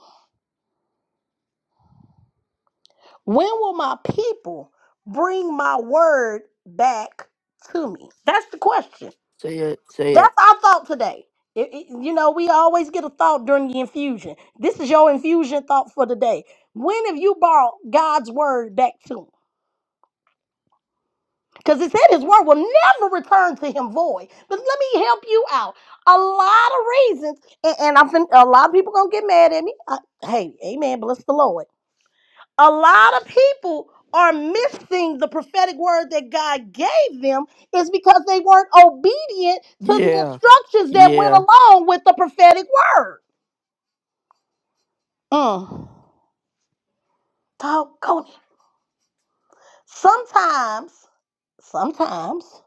S6: When will my people bring my word back to me? That's the question.
S5: Say it, say it.
S6: That's our thought today. It- it- you know, we always get a thought during the infusion. This is your infusion thought for today. When have you brought God's word back to him? Because it said his word will never return to him void. But let me help you out. A lot of reasons, and, and I'm fin- a lot of people gonna get mad at me. I, hey, amen. Bless the Lord. A lot of people are missing the prophetic word that God gave them is because they weren't obedient to the
S5: Yeah,
S6: instructions that went
S5: yeah.
S6: along with the prophetic word. Mm. Doggone it. Sometimes, sometimes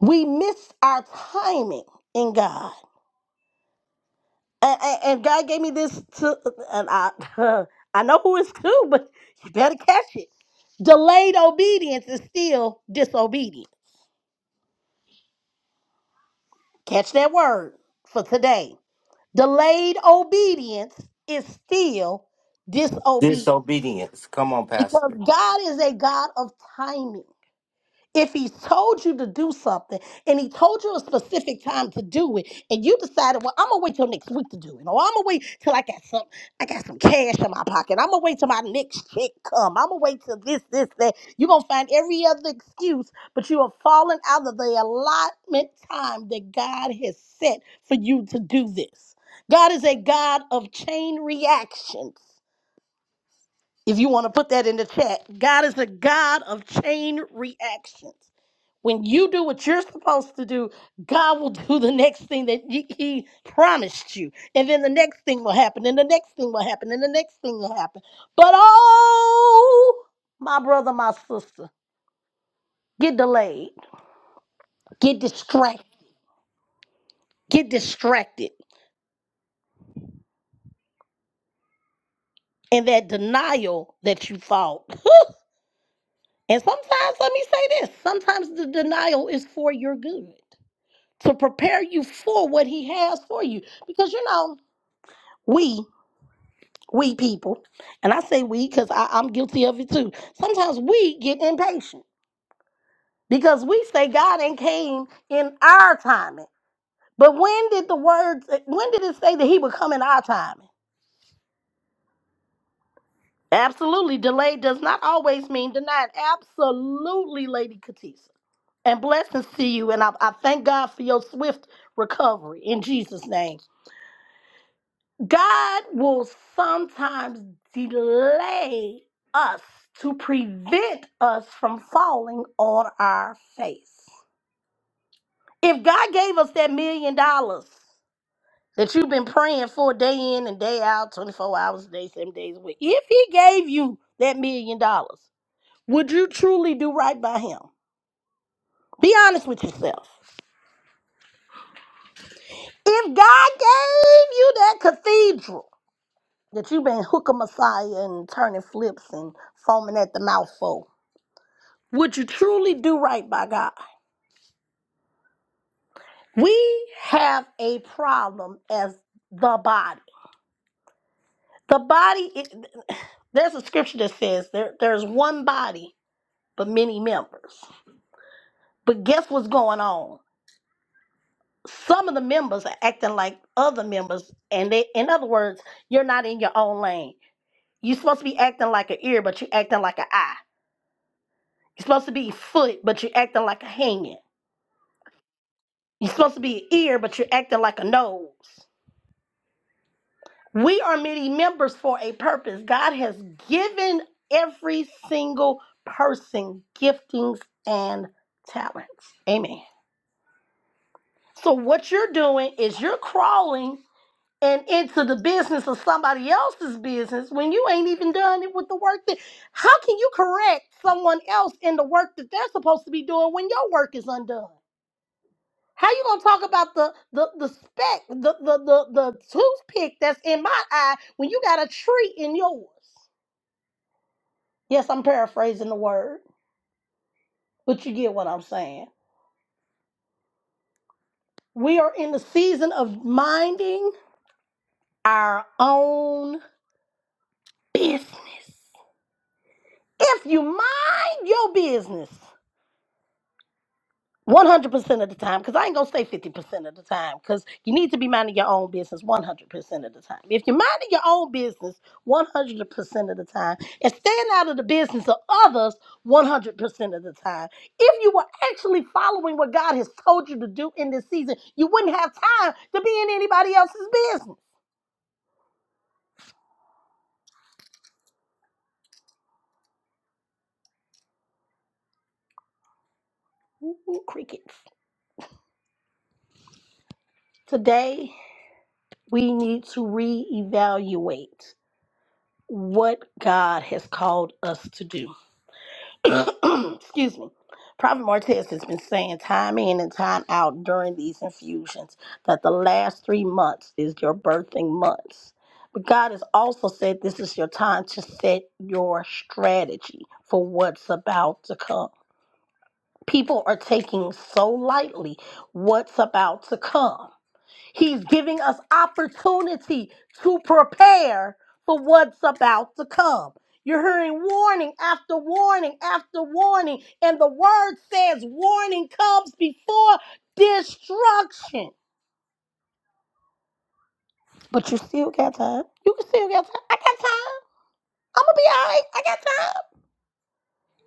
S6: we miss our timing in God. And, and, and God gave me this to, and I, [LAUGHS] I know who it's to, but you better catch it. Delayed obedience is still disobedience. Catch that word for today. Delayed obedience is still disobedience
S1: Disobedience. Come on,
S6: because
S1: Pastor.
S6: God is a God of timing. If he told you to do something and he told you a specific time to do it, and you decided, well, I'm gonna wait till next week to do it, or I'm gonna wait till I got some, I got some cash in my pocket. I'm gonna wait till my next check come. I'm gonna wait till this, this, that. You're gonna find every other excuse, but you are falling out of the allotment time that God has set for you to do this. God is a God of chain reactions. If you want to put that in the chat, God is a God of chain reactions. When you do what you're supposed to do, God will do the next thing that He He promised you. And then the next thing will happen, and the next thing will happen, and the next thing will happen. But oh, my brother, my sister, get delayed, get distracted, get distracted. in that denial that you fought. [LAUGHS] And sometimes, let me say this sometimes the denial is for your good, to prepare you for what He has for you. Because, you know, we we people, and I say we because I'm guilty of it too. Sometimes we get impatient because we say God ain't came in our timing. But when did the words, eh, when did it say that he would come in our timing? Absolutely. Delay does not always mean denied. Absolutely, Lady Katisa. And blessings to you. And I, I thank God for your swift recovery in Jesus' name. God will sometimes delay us to prevent us from falling on our face. If God gave us that million dollars that you've been praying for day in and day out, 24 hours a day, seven days a week, if He gave you that million dollars, would you truly do right by Him? Be honest with yourself. If God gave you that cathedral that you've been hooking Messiah and turning flips and foaming at the mouth for, Would you truly do right by God? We have a problem as the body. The body, it, [SIGHS] there's a scripture that says there, there's one body, but many members. But guess what's going on? Some of the members are acting like other members, and they, in other words, you're not in your own lane. You're supposed to be acting like an ear, but you're acting like an eye. You're supposed to be foot, but you're acting like a hand. You're supposed to be an ear, but you're acting like a nose. We are many members for a purpose. God has given every single person giftings and talents. Amen. So, what you're doing is you're crawling and into the business of somebody else's business when you ain't even done it with the work that. How can you correct someone else in the work that they're supposed to be doing when your work is undone? How you gonna talk about the the the speck, the the the, the toothpick that's in my eye when you got a tree in yours? Yes, I'm paraphrasing the word, but you get what I'm saying. We are in the season of minding our own business. If you mind your business, 100% of the time because i ain't gonna say 50% of the time because you need to be minding your own business 100% of the time if you're minding your own business 100% of the time and staying out of the business of others 100% of the time if you were actually following what god has told you to do in this season you wouldn't have time to be in anybody else's business Ooh, crickets today we need to reevaluate what god has called us to do [CLEARS THROAT] excuse me, Prophet Martez has been saying time in and time out during these infusions that the last three months is your birthing months. But God has also said this is your time to set your strategy for what's about to come. People are taking so lightly what's about to come He's giving us opportunity to prepare for what's about to come. You're hearing warning after warning after warning, and the word says warning comes before destruction. But you still got time. You can still got time. I got time. I'm gonna be all right. I got time.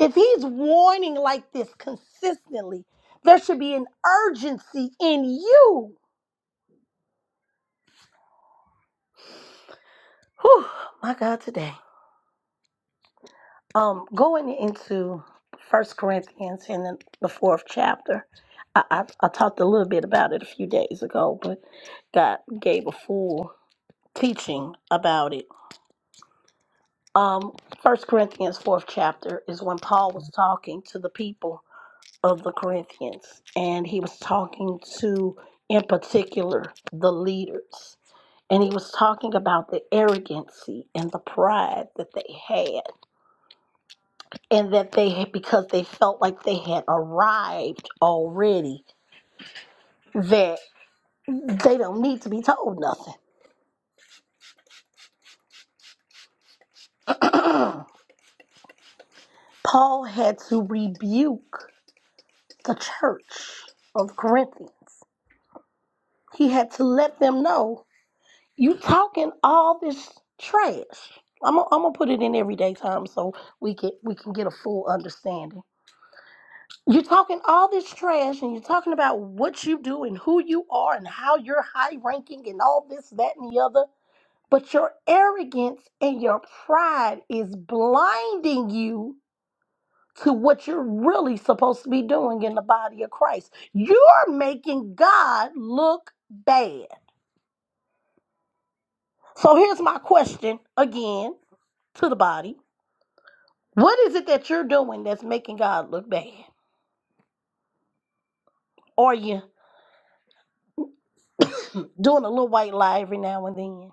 S6: If he's warning like this consistently, there should be an urgency in you. Whew, my God, today. Um, going into First Corinthians in the, the fourth chapter, I, I, I talked a little bit about it a few days ago, but God gave a full teaching about it. Um, First Corinthians fourth chapter is when Paul was talking to the people of the Corinthians, and he was talking to, in particular, the leaders, and he was talking about the arrogancy and the pride that they had and that they had because they felt like they had arrived already that they don't need to be told nothing [CLEARS THROAT] paul had to rebuke the church of corinthians he had to let them know you talking all this trash i'm gonna I'm gonna put it in everyday time so we can we can get a full understanding you're talking all this trash and you're talking about what you do and who you are and how you're high ranking and all this that and the other But your arrogance and your pride is blinding you to what you're really supposed to be doing in the body of Christ. You're making God look bad. So here's my question again to the body What is it that you're doing that's making God look bad? Are you doing a little white lie every now and then?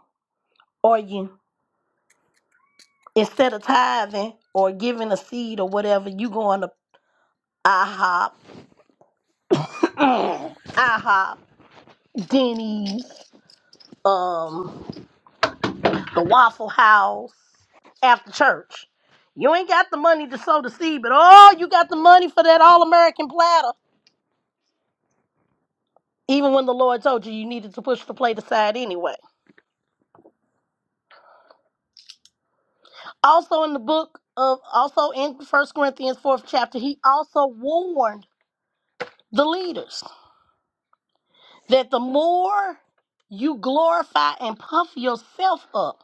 S6: Are you, instead of tithing or giving a seed or whatever, you going to IHOP, [CLEARS THROAT] IHOP, Denny's? um the Waffle House after church. You ain't got the money to sow the seed, but oh, you got the money for that all American platter. Even when the Lord told you you needed to push the plate aside anyway. Also in the book of also in First Corinthians fourth chapter, he also warned the leaders that the more you glorify and puff yourself up,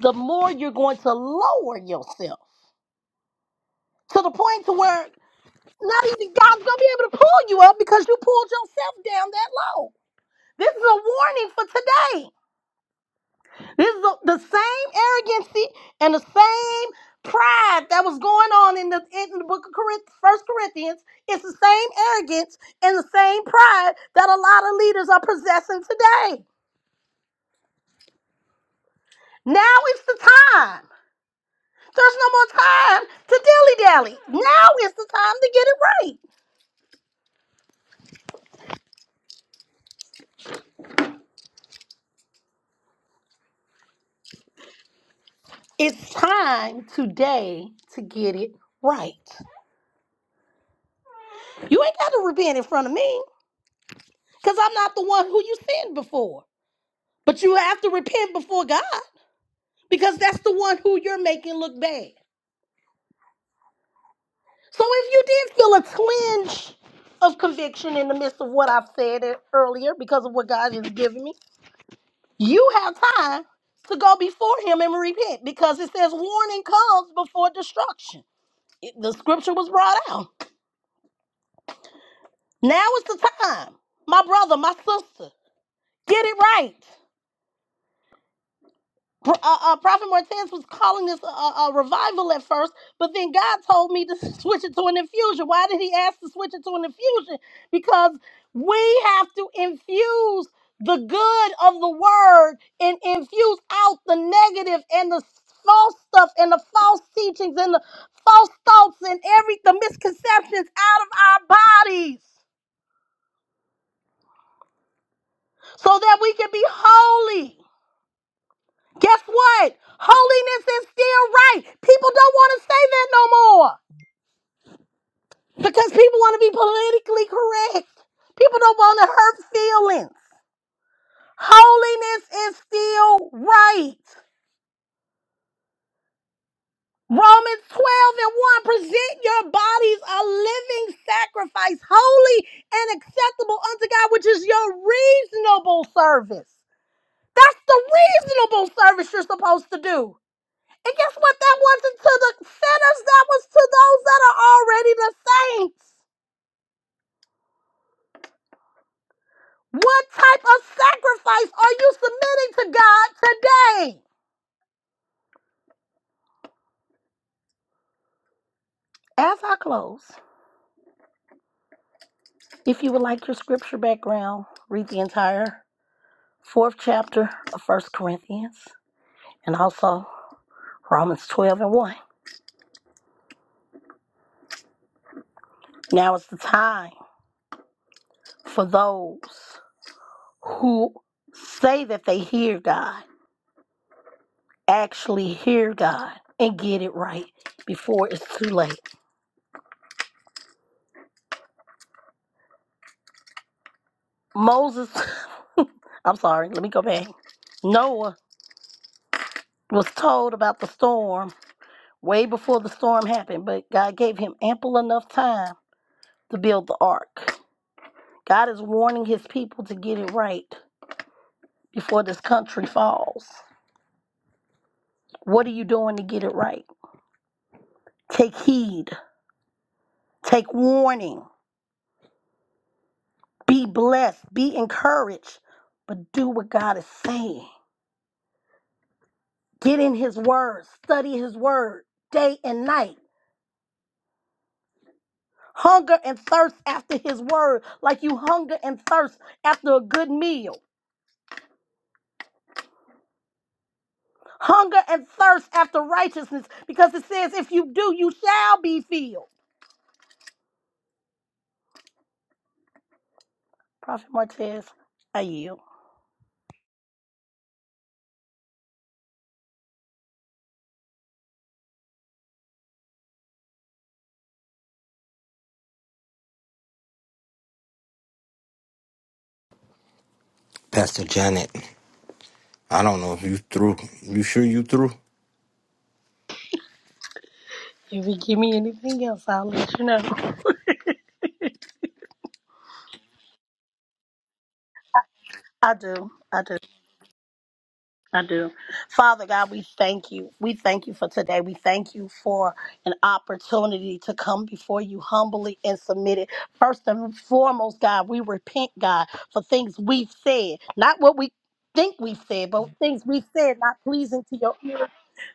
S6: the more you're going to lower yourself to the point to where Not even God's gonna be able to pull you up because you pulled yourself down that low. This is a warning for today. This is the the same arrogancy and the same pride that was going on in the in the book of Corinth, First Corinthians. It's the same arrogance and the same pride that a lot of leaders are possessing today. Now it's the time. There's no more time to dilly dally. Now is the time to get it right. It's time today to get it right. You ain't got to repent in front of me because I'm not the one who you sinned before. But you have to repent before God because that's the one who you're making look bad. So if you did feel a twinge of conviction in the midst of what I've said e- earlier because of what God has given me, you have time to go before Him and repent because it says warning comes before destruction. It- the scripture was brought out. Now is the time. My brother, my sister, get it right. Pro- uh, uh, Prophet Martez was calling this a, a a revival at first, but then God told me to [LAUGHS] switch it to an infusion. Why did He ask to switch it to an infusion? Because we have to infuse the good of the word and infuse out the negative and the false stuff and the false teachings and the false thoughts and every the misconceptions out of our bodies so that we can be holy. Guess what? Holiness is still right. People don't want to say that no more because people want to be politically correct. People don't want to hurt feelings. Holiness is still right. Romans 12 and 1 present your bodies a living sacrifice, holy and acceptable unto God, which is your reasonable service. That's the reasonable service you're supposed to do. And guess what? That wasn't to the sinners, that was to those that are already the saints. What type of sacrifice are you submitting to God today? As I close, if you would like your scripture background, read the entire fourth chapter of First Corinthians and also Romans 12 and 1. Now is the time for those who say that they hear God, actually hear God and get it right before it's too late. Moses, [LAUGHS] I'm sorry, let me go back. Noah was told about the storm way before the storm happened, but God gave him ample enough time to build the ark. God is warning his people to get it right before this country falls. What are you doing to get it right? Take heed, take warning, be blessed, be encouraged, but do what God is saying. Get in his word, study his word day and night Hunger and thirst after his word, like you hunger and thirst after a good meal. Hunger and thirst after righteousness, because it says, if you do, you shall be filled. Prophet Martez, I yield.
S1: Pastor Janet, I don't know if you through. You sure you through?
S6: If you give me anything else, I'll let you know. I do. I do. I do. Father God, we thank you. We thank you for today. We thank you for an opportunity to come before you humbly and submitted. First and foremost, God, we repent, God, for things we've said, not what we think we've said, but things we've said not pleasing to your ear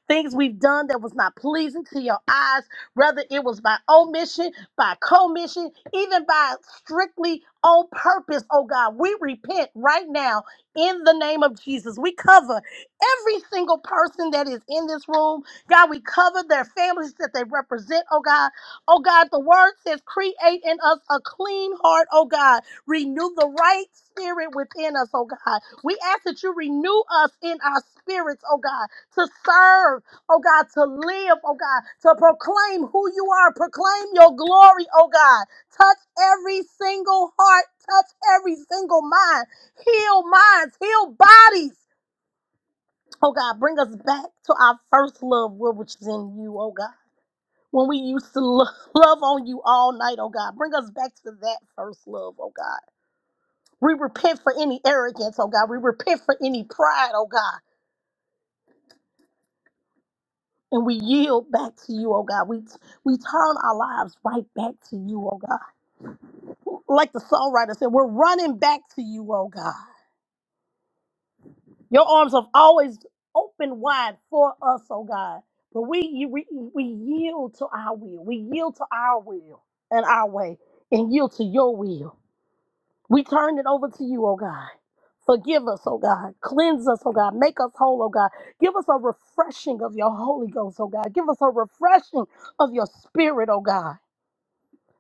S6: things we've done that was not pleasing to your eyes, whether it was by omission, by commission, even by strictly on purpose, oh God. We repent right now in the name of Jesus. We cover every single person that is in this room. God, we cover their families that they represent, oh God. Oh God, the word says, create in us a clean heart, oh God. Renew the right spirit within us, oh God. We ask that you renew us in our spirits, oh God to serve, oh God, to live, oh God, to proclaim who you are, proclaim your glory, oh God. Touch every single heart, touch every single mind, heal minds, heal bodies, oh God. Bring us back to our first love, which is in you, oh God. When we used to lo- love on you all night, oh God, bring us back to that first love, oh God. We repent for any arrogance, oh God. We repent for any pride, oh God. and we yield back to you, oh God. We we turn our lives right back to you, oh God. Like the songwriter said, we're running back to you, oh God. Your arms have always opened wide for us, oh God. But we we we yield to our will. We yield to our will and our way, and yield to your will. We turn it over to you, oh God. Forgive us, oh God. Cleanse us, oh God. Make us whole, oh God. Give us a refreshing of your Holy Ghost, oh God. Give us a refreshing of your spirit, oh God.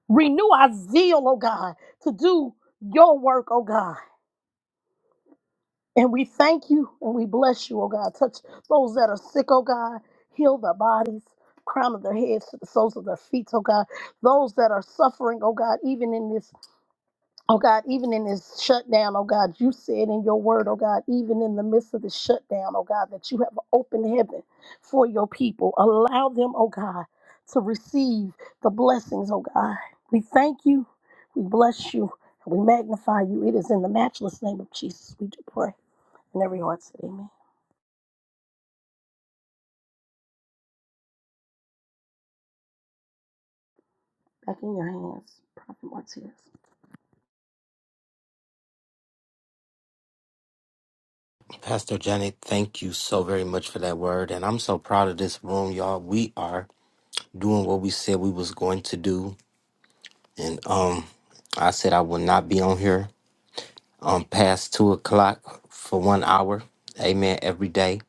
S6: Renew our zeal, oh God, to do your work, oh God. And we thank you and we bless you, oh God. Touch those that are sick, oh God. Heal their bodies, crown of their heads to the soles of their feet, oh God. Those that are suffering, oh God, even in this Oh God, even in this shutdown, oh God, you said in your word, oh God, even in the midst of the shutdown, oh God, that you have opened heaven for your people. Allow them, oh God, to receive the blessings, oh God. We thank you, we bless you, and we magnify you. It is in the matchless name of Jesus we do pray. And every heart said, Amen. Back in your hands, Prophet Martinez.
S1: Pastor Janet, thank you so very much for that word. And I'm so proud of this room, y'all. We are doing what we said we was going to do. And um I said I will not be on here um past two o'clock for one hour. Amen. Every day.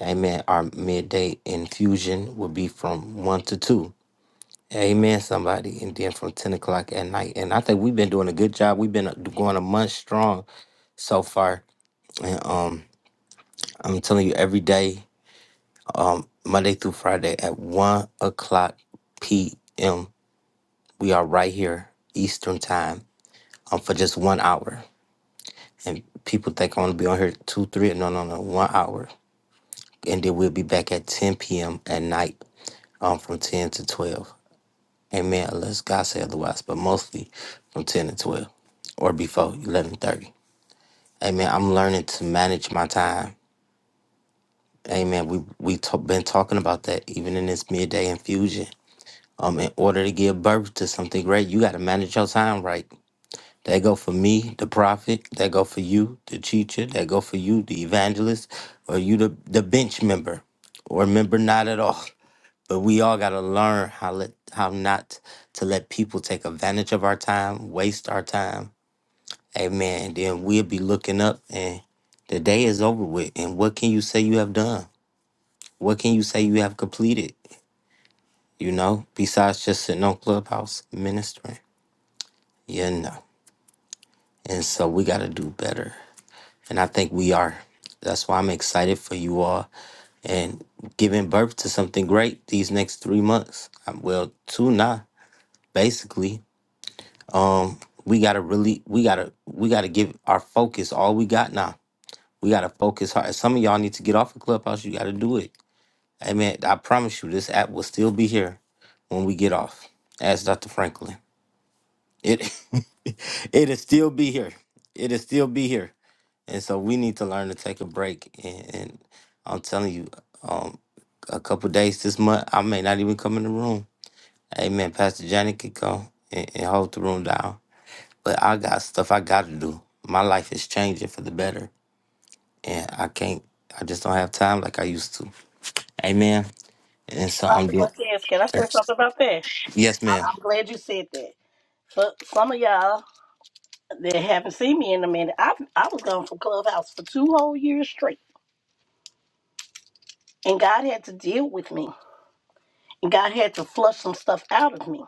S1: Amen. Our midday infusion will be from one to two. Amen, somebody. And then from 10 o'clock at night. And I think we've been doing a good job. We've been uh, going a month strong so far. And um I'm telling you, every day. um, Monday through Friday at 1 o'clock p.m. We are right here, Eastern Time, um, for just one hour. And people think I'm going to be on here two, three. No, no, no, one hour. And then we'll be back at 10 p.m. at night um, from 10 to 12. Amen, unless God say otherwise, but mostly from 10 to 12 or before 11.30. Amen, I'm learning to manage my time. Amen, we we t- been talking about that even in this midday infusion um, in order to give birth to something great, you got to manage your time right. That go for me, the prophet. That go for you, the teacher. That go for you, the evangelist, or you, the, the bench member, or member not at all. But we all got to learn how let how not to let people take advantage of our time, waste our time. Amen. And then we'll be looking up, and the day is over with. And what can you say you have done? What can you say you have completed? You know, besides just sitting on clubhouse ministering. Yeah, no. And so we got to do better. And I think we are. That's why I'm excited for you all and giving birth to something great these next three months. Um, Well, two now, basically. Um, we gotta really, we gotta, we gotta give our focus all we got now. We gotta focus hard. Some of y'all need to get off of Clubhouse. You gotta do it. Hey man, I promise you, this app will still be here when we get off. Ask Dr. Franklin. It, [LAUGHS] it'll still be here. It'll still be here And so we need to learn to take a break. And, and I'm telling you, um, a couple days this month, I may not even come in the room. Amen. Pastor Johnny could come and, and hold the room down. But I got stuff I got to do. My life is changing for the better. And I can't, I just don't have time like I used to. Amen. And so I'm
S6: Prophet
S1: doing,
S6: Martinez, can I say something about that?
S1: yes, ma'am.
S6: I'm glad you said that. For some of y'all, They haven't seen me in a minute. I I was gone from Clubhouse for two whole years straight, and God had to deal with me, and God had to flush some stuff out of me,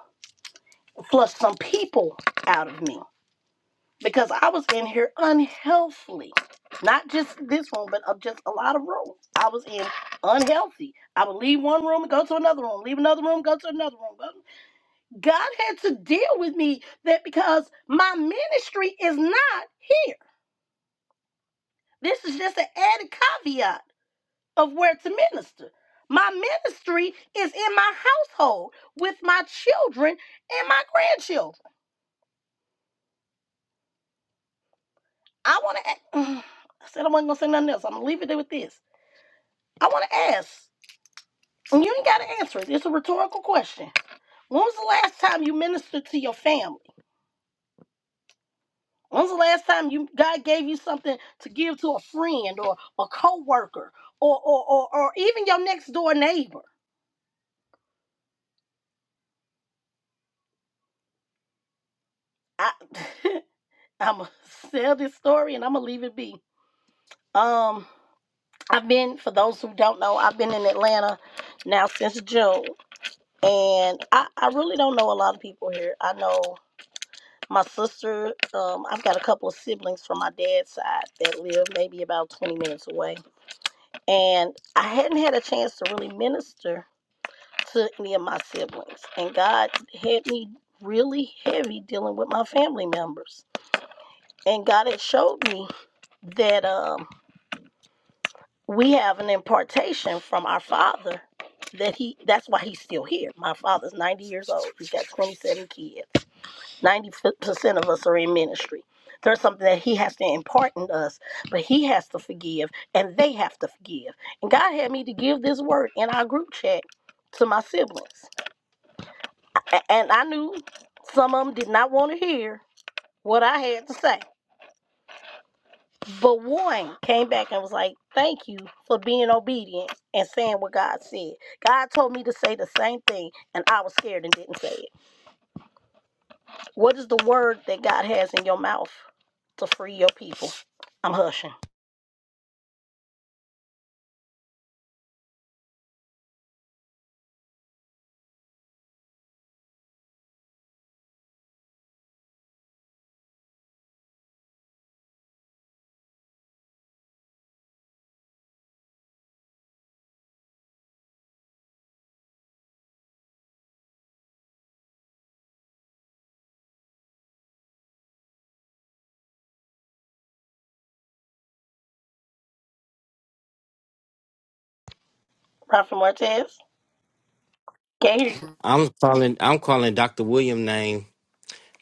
S6: flush some people out of me, because I was in here unhealthily, not just this room, but of just a lot of rooms. I was in unhealthy. I would leave one room and go to another room, leave another room, go to another room. go- God had to deal with me that because my ministry is not here. This is just an added caveat of where to minister. My ministry is in my household with my children and my grandchildren. I want to. [SIGHS] I said I wasn't gonna say nothing else. I'm gonna leave it there with this. I want to ask, and you ain't gotta answer it. It's a rhetorical question. When was the last time you ministered to your family? When was the last time you God gave you something to give to a friend or a coworker or or or, or even your next door neighbor? I [LAUGHS] I'm gonna sell this story and I'm gonna leave it be. Um I've been, for those who don't know, I've been in Atlanta now since June. And I, I really don't know a lot of people here. I know my sister, um, I've got a couple of siblings from my dad's side that live maybe about 20 minutes away. And I hadn't had a chance to really minister to any of my siblings. And God had me really heavy dealing with my family members. And God had showed me that um we have an impartation from our father that he that's why he's still here my father's 90 years old he's got 27 kids 90% of us are in ministry there's something that he has to impart in us but he has to forgive and they have to forgive and god had me to give this word in our group chat to my siblings A- and i knew some of them did not want to hear what i had to say But one came back and was like, Thank you for being obedient and saying what God said. God told me to say the same thing, and I was scared and didn't say it. What is the word that God has in your mouth to free your people? I'm hushing. Prophet Martez, can't hear you.
S1: I'm calling, I'm calling Dr. William name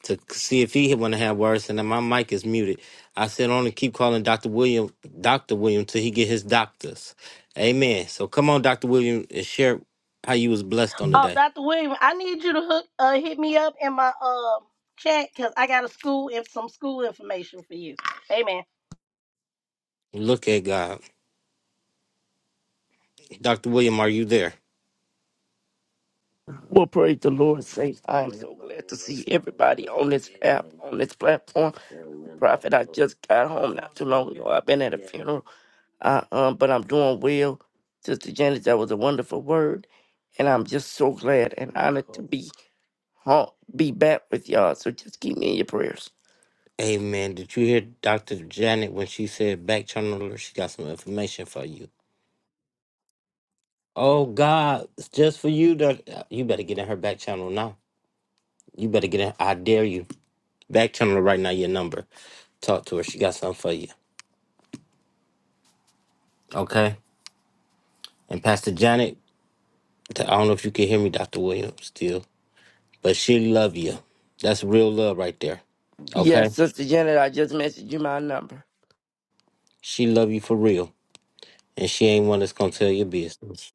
S1: to see if he want to have words, and then my mic is muted. I said only keep calling Doctor William Doctor William till he get his doctors. Amen. So come on, Doctor William, and share how you was blessed on the
S6: Oh,
S1: day.
S6: Dr. William, I need you to hook, uh, hit me up in my uh, chat because I got a school and some school information for you. Amen.
S1: Look at God, Doctor William. Are you there?
S5: Well, praise the Lord, saints. I am so glad to see everybody on this app, on this platform. Prophet, I just got home not too long ago. I've been at a funeral, I, um, but I'm doing well. Sister Janet, that was a wonderful word, and I'm just so glad and honored to be home, be back with y'all. So just keep me in your prayers.
S1: Amen. Did you hear Doctor Janet when she said back channel her? She got some information for you. Oh God, it's just for you. Doc- You better get in her back channel now. You better get in. I dare you. Back channel her right now. Your number. Talk to her. She got something for you. Okay. And Pastor Janet, I don't know if you can hear me, Dr. Williams, still, but she love you. That's real love right there.
S5: Yes,
S1: Okay?
S5: Sister Janet, I just messaged you my number.
S1: She love you for real. And she ain't one that's gonna tell your business.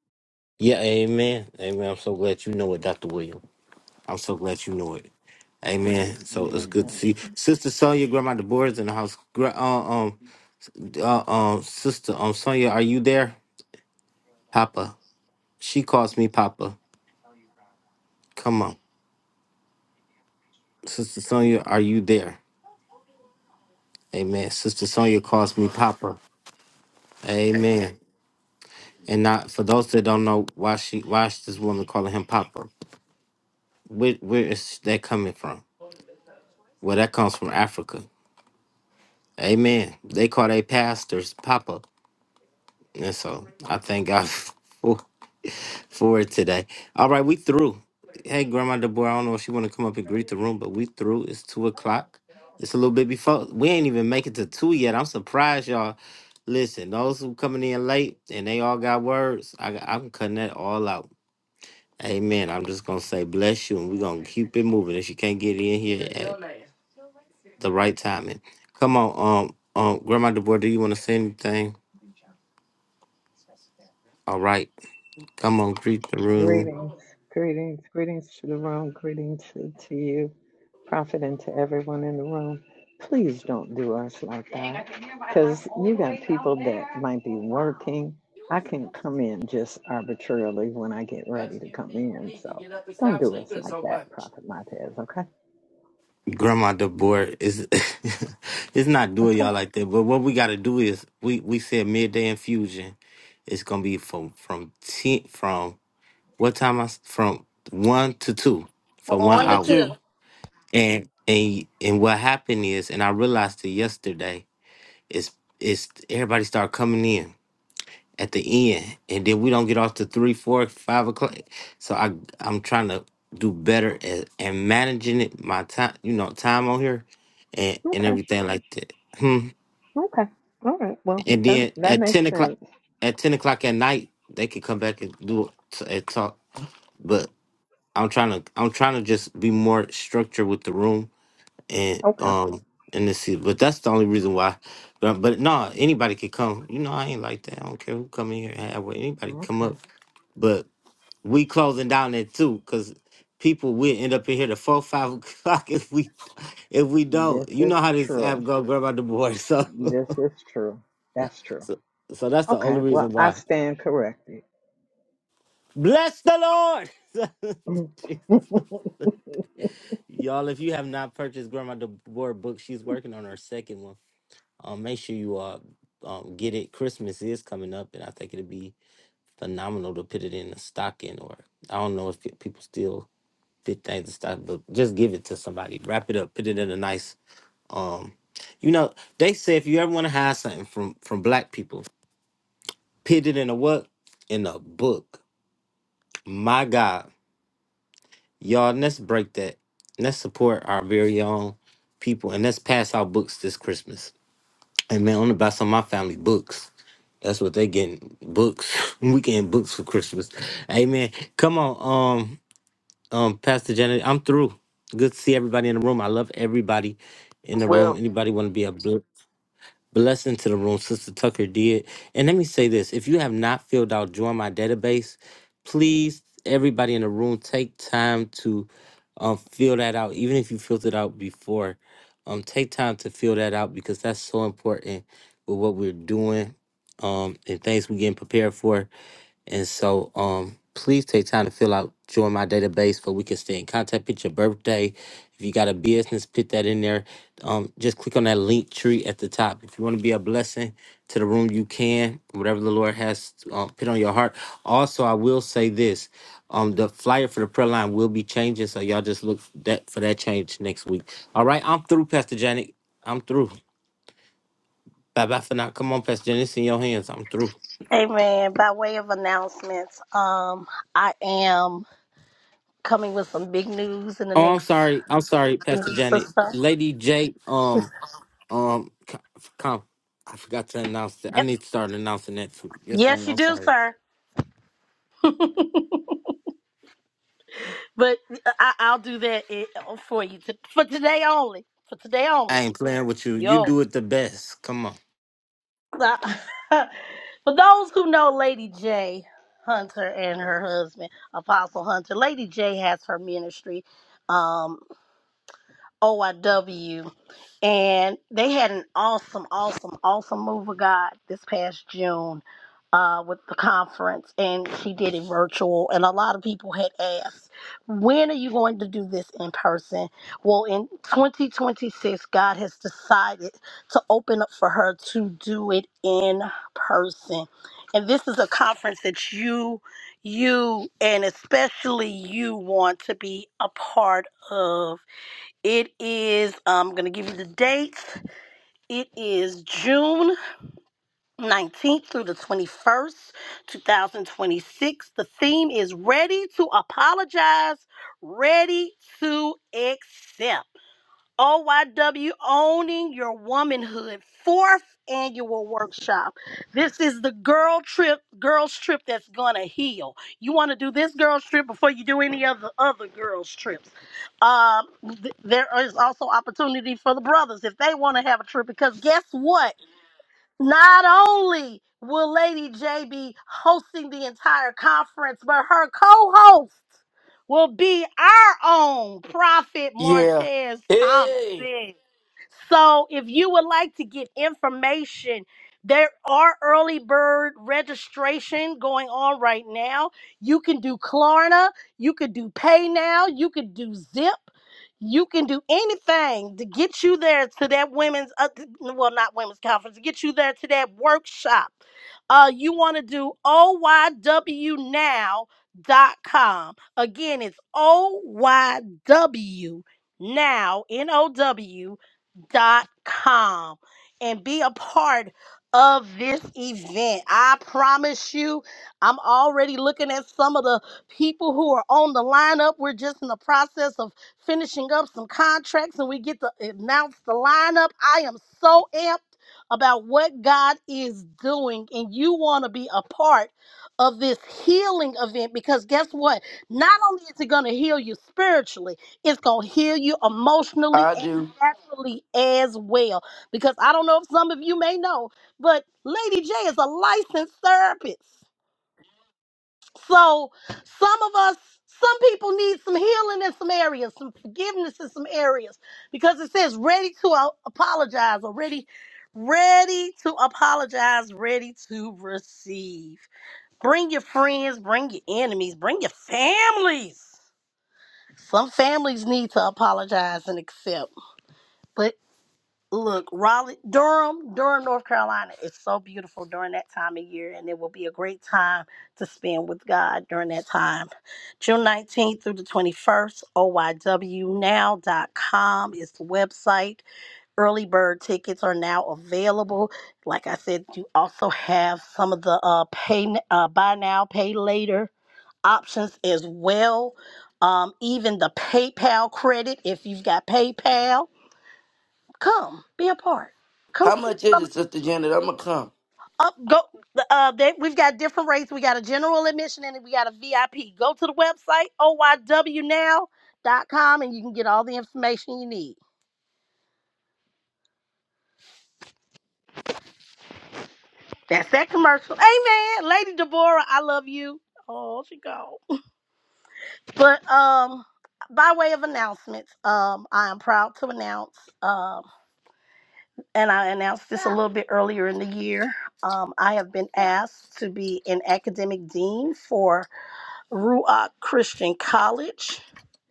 S1: Yeah, amen. Amen. I'm so glad you know it, Dr. William. I'm so glad you know it. Amen.
S5: He's a
S1: So it's good to see you. Sister Sonia, Grandma Deborah's in the house. Gra- uh, um, uh, um, Sister um, Sonia, are you there? Papa. She calls me Papa. Come on. Sister Sonia, are you there? Amen. Sister Sonia calls me Papa. Amen. And not for those that don't know why she why is this woman calling him Papa? Where where is that coming from? Well, that comes from Africa. Amen. They call their pastors Papa, and so I thank God [LAUGHS] for for it today. All right, we through. Hey, Grandma Deborah, I don't know if she want to come up and greet the room, but we through. It's two o'clock. It's a little bit before. We ain't even make it to two yet. I'm surprised, y'all. Listen, those who coming in late and they all got words, I, I'm cutting that all out. Amen. I'm just gonna say bless you, and we're gonna keep it moving. If you can't get in here
S5: young
S1: at
S5: man.
S1: the right timing, come on, um, um, Grandma DeBoer, do you want to say anything? All right, come on, greet the room.
S8: Greetings, greetings, greetings to the room, greetings to, to you, Prophet, and to everyone in the room. Please don't do us like that because you got people that might be working. I can't come in just arbitrarily when I get ready to
S5: Excuse
S8: come
S5: me, you
S8: in.
S5: need to
S8: So
S5: get up and
S8: don't
S5: stop
S8: do us
S5: sleeping
S8: like
S5: so
S8: that,
S5: much.
S8: Prophet Montez, okay?
S1: Grandma DeBoer is [LAUGHS] it's not doing
S8: Okay,
S1: y'all like that, but what we gotta do is we we said midday infusion. It's gonna be from from ten from what time? I s- from one to two
S6: From
S1: for one
S5: I'm
S6: one to
S5: not
S1: hour,
S5: you.
S6: two.
S1: and and and what happened is, and I realized it yesterday It's it's everybody start coming in at the end, and then we don't get off to three, four, five o'clock. So I I'm trying to do better at and managing it, my time, you know, time on here, and and
S8: okay,
S1: everything like that. Hmm.
S8: okay. All right, well,
S1: And
S8: that,
S1: then
S8: that
S1: at ten
S8: makes
S1: o'clock,
S8: sense.
S1: at ten o'clock at night, they could come back and do it t- and talk. But I'm trying to I'm trying to just be more structured with the room and
S8: Okay,
S1: um and this is but that's the only reason why but but no anybody could come you know i ain't like that i don't care who come in here and have what anybody can come
S8: okay.
S1: up but we closing down at two because people will end up in here to four five [LAUGHS] o'clock if we if we don't
S8: This
S1: you
S8: is
S1: know how this
S8: true.
S1: app go grab out the boy so
S8: This is true. That's
S1: [LAUGHS]
S8: true.
S1: so, so that's the only
S8: Okay,
S1: reason
S8: well, I
S1: why
S8: stand corrected.
S1: bless the lord [LAUGHS]
S8: Mm.
S1: Jesus.
S8: [LAUGHS]
S1: Y'all, if you have not purchased Grandma DeBoer book, she's working on her second one. Um, make sure you uh um, get it. Christmas is coming up, and I think it'd be phenomenal to put it in a stocking, or I don't know if people still fit things in stock, but just give it to somebody. Wrap it up. Put it in a nice um. You know, they say if you ever want to hide something from from black people, put it in a what? In a book. My God, y'all, let's break that. Let's support our very own people, and let's pass out books this Christmas. And man, I'm gonna buy some of my family books. That's what they getting books. [LAUGHS] we getting books for Christmas. Amen. Come on, um, um, Pastor Janet, I'm through. Good to see everybody in the room. I love everybody in the room.
S5: Well,
S1: Anybody want to be a bless? Blessing to the room, Sister Tucker did. And let me say this if you have not filled out Join My Database, please, everybody in the room, take time to um, fill that out. Even if you filled it out before, um, take time to fill that out because that's so important with what we're doing um, and things we're getting prepared for. And so um please take time to fill out join my database so we can stay in contact. Put your birthday. If you got a business, put that in there. Um just click on that link tree at the top. If you want to be a blessing to the room, you can. Whatever the Lord has um, put on your heart. Also, I will say this. Um, the flyer for the prayer line will be changing, so y'all just look that for that change next week. All right, I'm through, Pastor Janet. I'm through. Bye bye for now. Come on, Pastor Janet, it's in your hands. I'm through.
S6: Amen. By way of announcements, um, I am. coming with some big news in the
S1: Oh, I'm
S6: next
S1: sorry. I'm sorry,
S6: few
S1: Pastor
S6: weeks or
S1: Janet.
S6: so.
S1: Lady J, um, um, come. I forgot to announce that. I
S6: Yep.
S1: need to start announcing that too. Yes,
S6: Yes,
S1: ma'am.
S6: you
S1: I'm
S6: do,
S1: sorry.
S6: sir. But I, I'll do that eh, for you t- for today only. For today
S1: I
S6: only.
S1: ain't playing with you. You
S6: Yo.
S1: do it the best. Come on.
S6: Uh, [LAUGHS] for those who know Lady J Hunter and her husband, Apostle Hunter, Lady J has her ministry. Um, OIW, and they had an awesome, awesome, awesome move of God this past June uh, with the conference, and she did it virtual. And a lot of people had asked, "When are you going to do this in person?" Well, in 2026, God has decided to open up for her to do it in person, and this is a conference that you, you, and especially you want to be a part of it is, um, I'm going to give you the dates. It is June 19th through the 21st, 2026. The theme is Ready to Apologize, Ready to Accept. OYW Owning Your Womanhood, fourth annual workshop. This is the girl trip, girls trip that's gonna heal. You want to do this girls trip before you do any other other girls trips. Um, th- there is also opportunity for the brothers if they want to have a trip because guess what? Not only will Lady J be hosting the entire conference, but her co host will be our own Prophet
S5: yeah.
S6: Martez
S5: Hey,
S6: Thompson. So if you would like to get information, there are early bird registration going on right now. You can do Klarna, you could do PayNow, you could do Zip. You can do anything to get you there to that women's, uh, well, not women's conference, to get you there to that workshop. Uh, you want to do o y w now dot com Again, it's OYW now, N O W dot com, and be a part of this event. I promise you, I'm already looking at some of the people who are on the lineup. We're just in the process of finishing up some contracts and we get to announce the lineup. I am so amped about what God is doing, and you want to be a part of this healing event because guess what? Not only is it going to heal you spiritually, it's going to heal you emotionally
S5: I
S6: and
S5: do.
S6: naturally as well. Because I don't know if some of you may know, but Lady J is a licensed therapist. So some of us, some people need some healing in some areas, some forgiveness in some areas, because it says ready to a- apologize or ready, ready to apologize, ready to receive. Bring your friends, bring your enemies, bring your families. Some families need to apologize and accept. but look, Raleigh, Durham, Durham, North Carolina is so beautiful during that time of year, and it will be a great time to spend with God during that time. June 19th through the 21st, oywnow.com is the website. Early bird tickets are now available. Like I said, you also have some of the uh, pay n- uh, buy now, pay later options as well. Um, even the PayPal credit, if you've got PayPal. Come, be a part. Come
S5: How
S6: see
S5: much is
S6: some.
S5: it, Sister Janet? I'ma come.
S6: Up, go. Uh, they, we've got different rates. We got a general admission and we got a VIP. Go to the website oywnow dot com and you can get all the information you need. That's that commercial. Amen. Lady Deborah, I love you. Oh, she go. But um, by way of announcements, um, I am proud to announce, um, and I announced this a little bit earlier in the year. Um, I have been asked to be an academic dean for Ruach Christian College.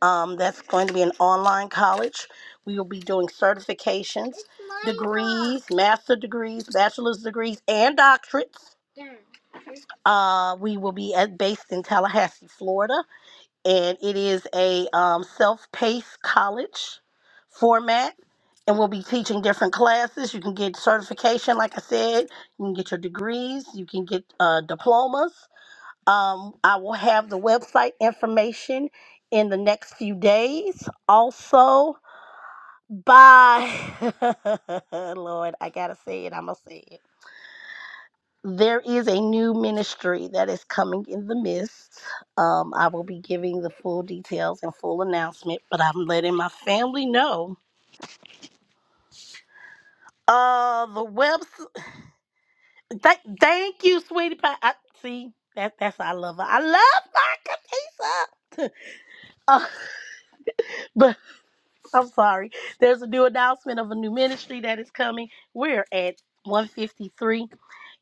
S6: Um, that's going to be an online college. We will be doing certifications, degrees, master degrees, bachelor's degrees, and doctorates. Uh, we will be at, based in Tallahassee, Florida, and it is a um, self-paced college format. And we'll be teaching different classes. You can get certification, like I said. You can get your degrees. You can get uh, diplomas Um, I will have the website information in the next few days. Also, by [LAUGHS] Lord, I gotta say it. I'm gonna say it. There is a new ministry that is coming in the midst. Um, I will be giving the full details and full announcement, but I'm letting my family know. Uh, the website. Th- thank you, sweetie pie. I, see, that that's I love her. I love my Kapisa. [LAUGHS] Uh, [LAUGHS] [LAUGHS] I'm sorry. There's a new announcement of a new ministry that is coming. We're at 153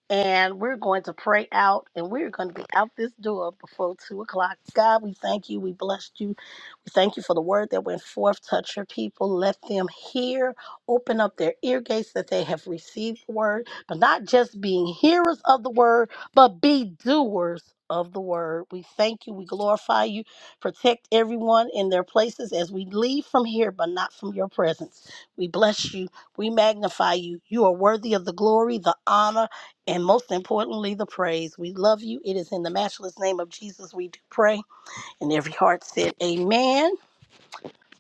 S6: and we're going to pray out and we're going to be out this door before two o'clock god we thank you we blessed you we thank you for the word that went forth touch your people let them hear open up their ear gates that they have received the word but not just being hearers of the word but be doers of the word we thank you we glorify you protect everyone in their places as we leave from here but not from your presence we bless you we magnify you you are worthy of the glory the honor and most importantly, the praise. We love you. It is in the matchless name of Jesus we do pray. And every heart said, Amen.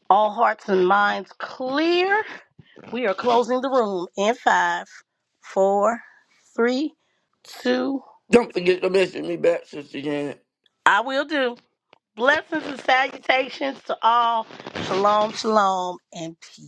S6: All hearts and minds clear. We are closing the room in five, four, three, two.
S5: Don't forget to message me back, Sister Janet.
S6: I will do. Blessings and salutations to all. Shalom, shalom, and peace.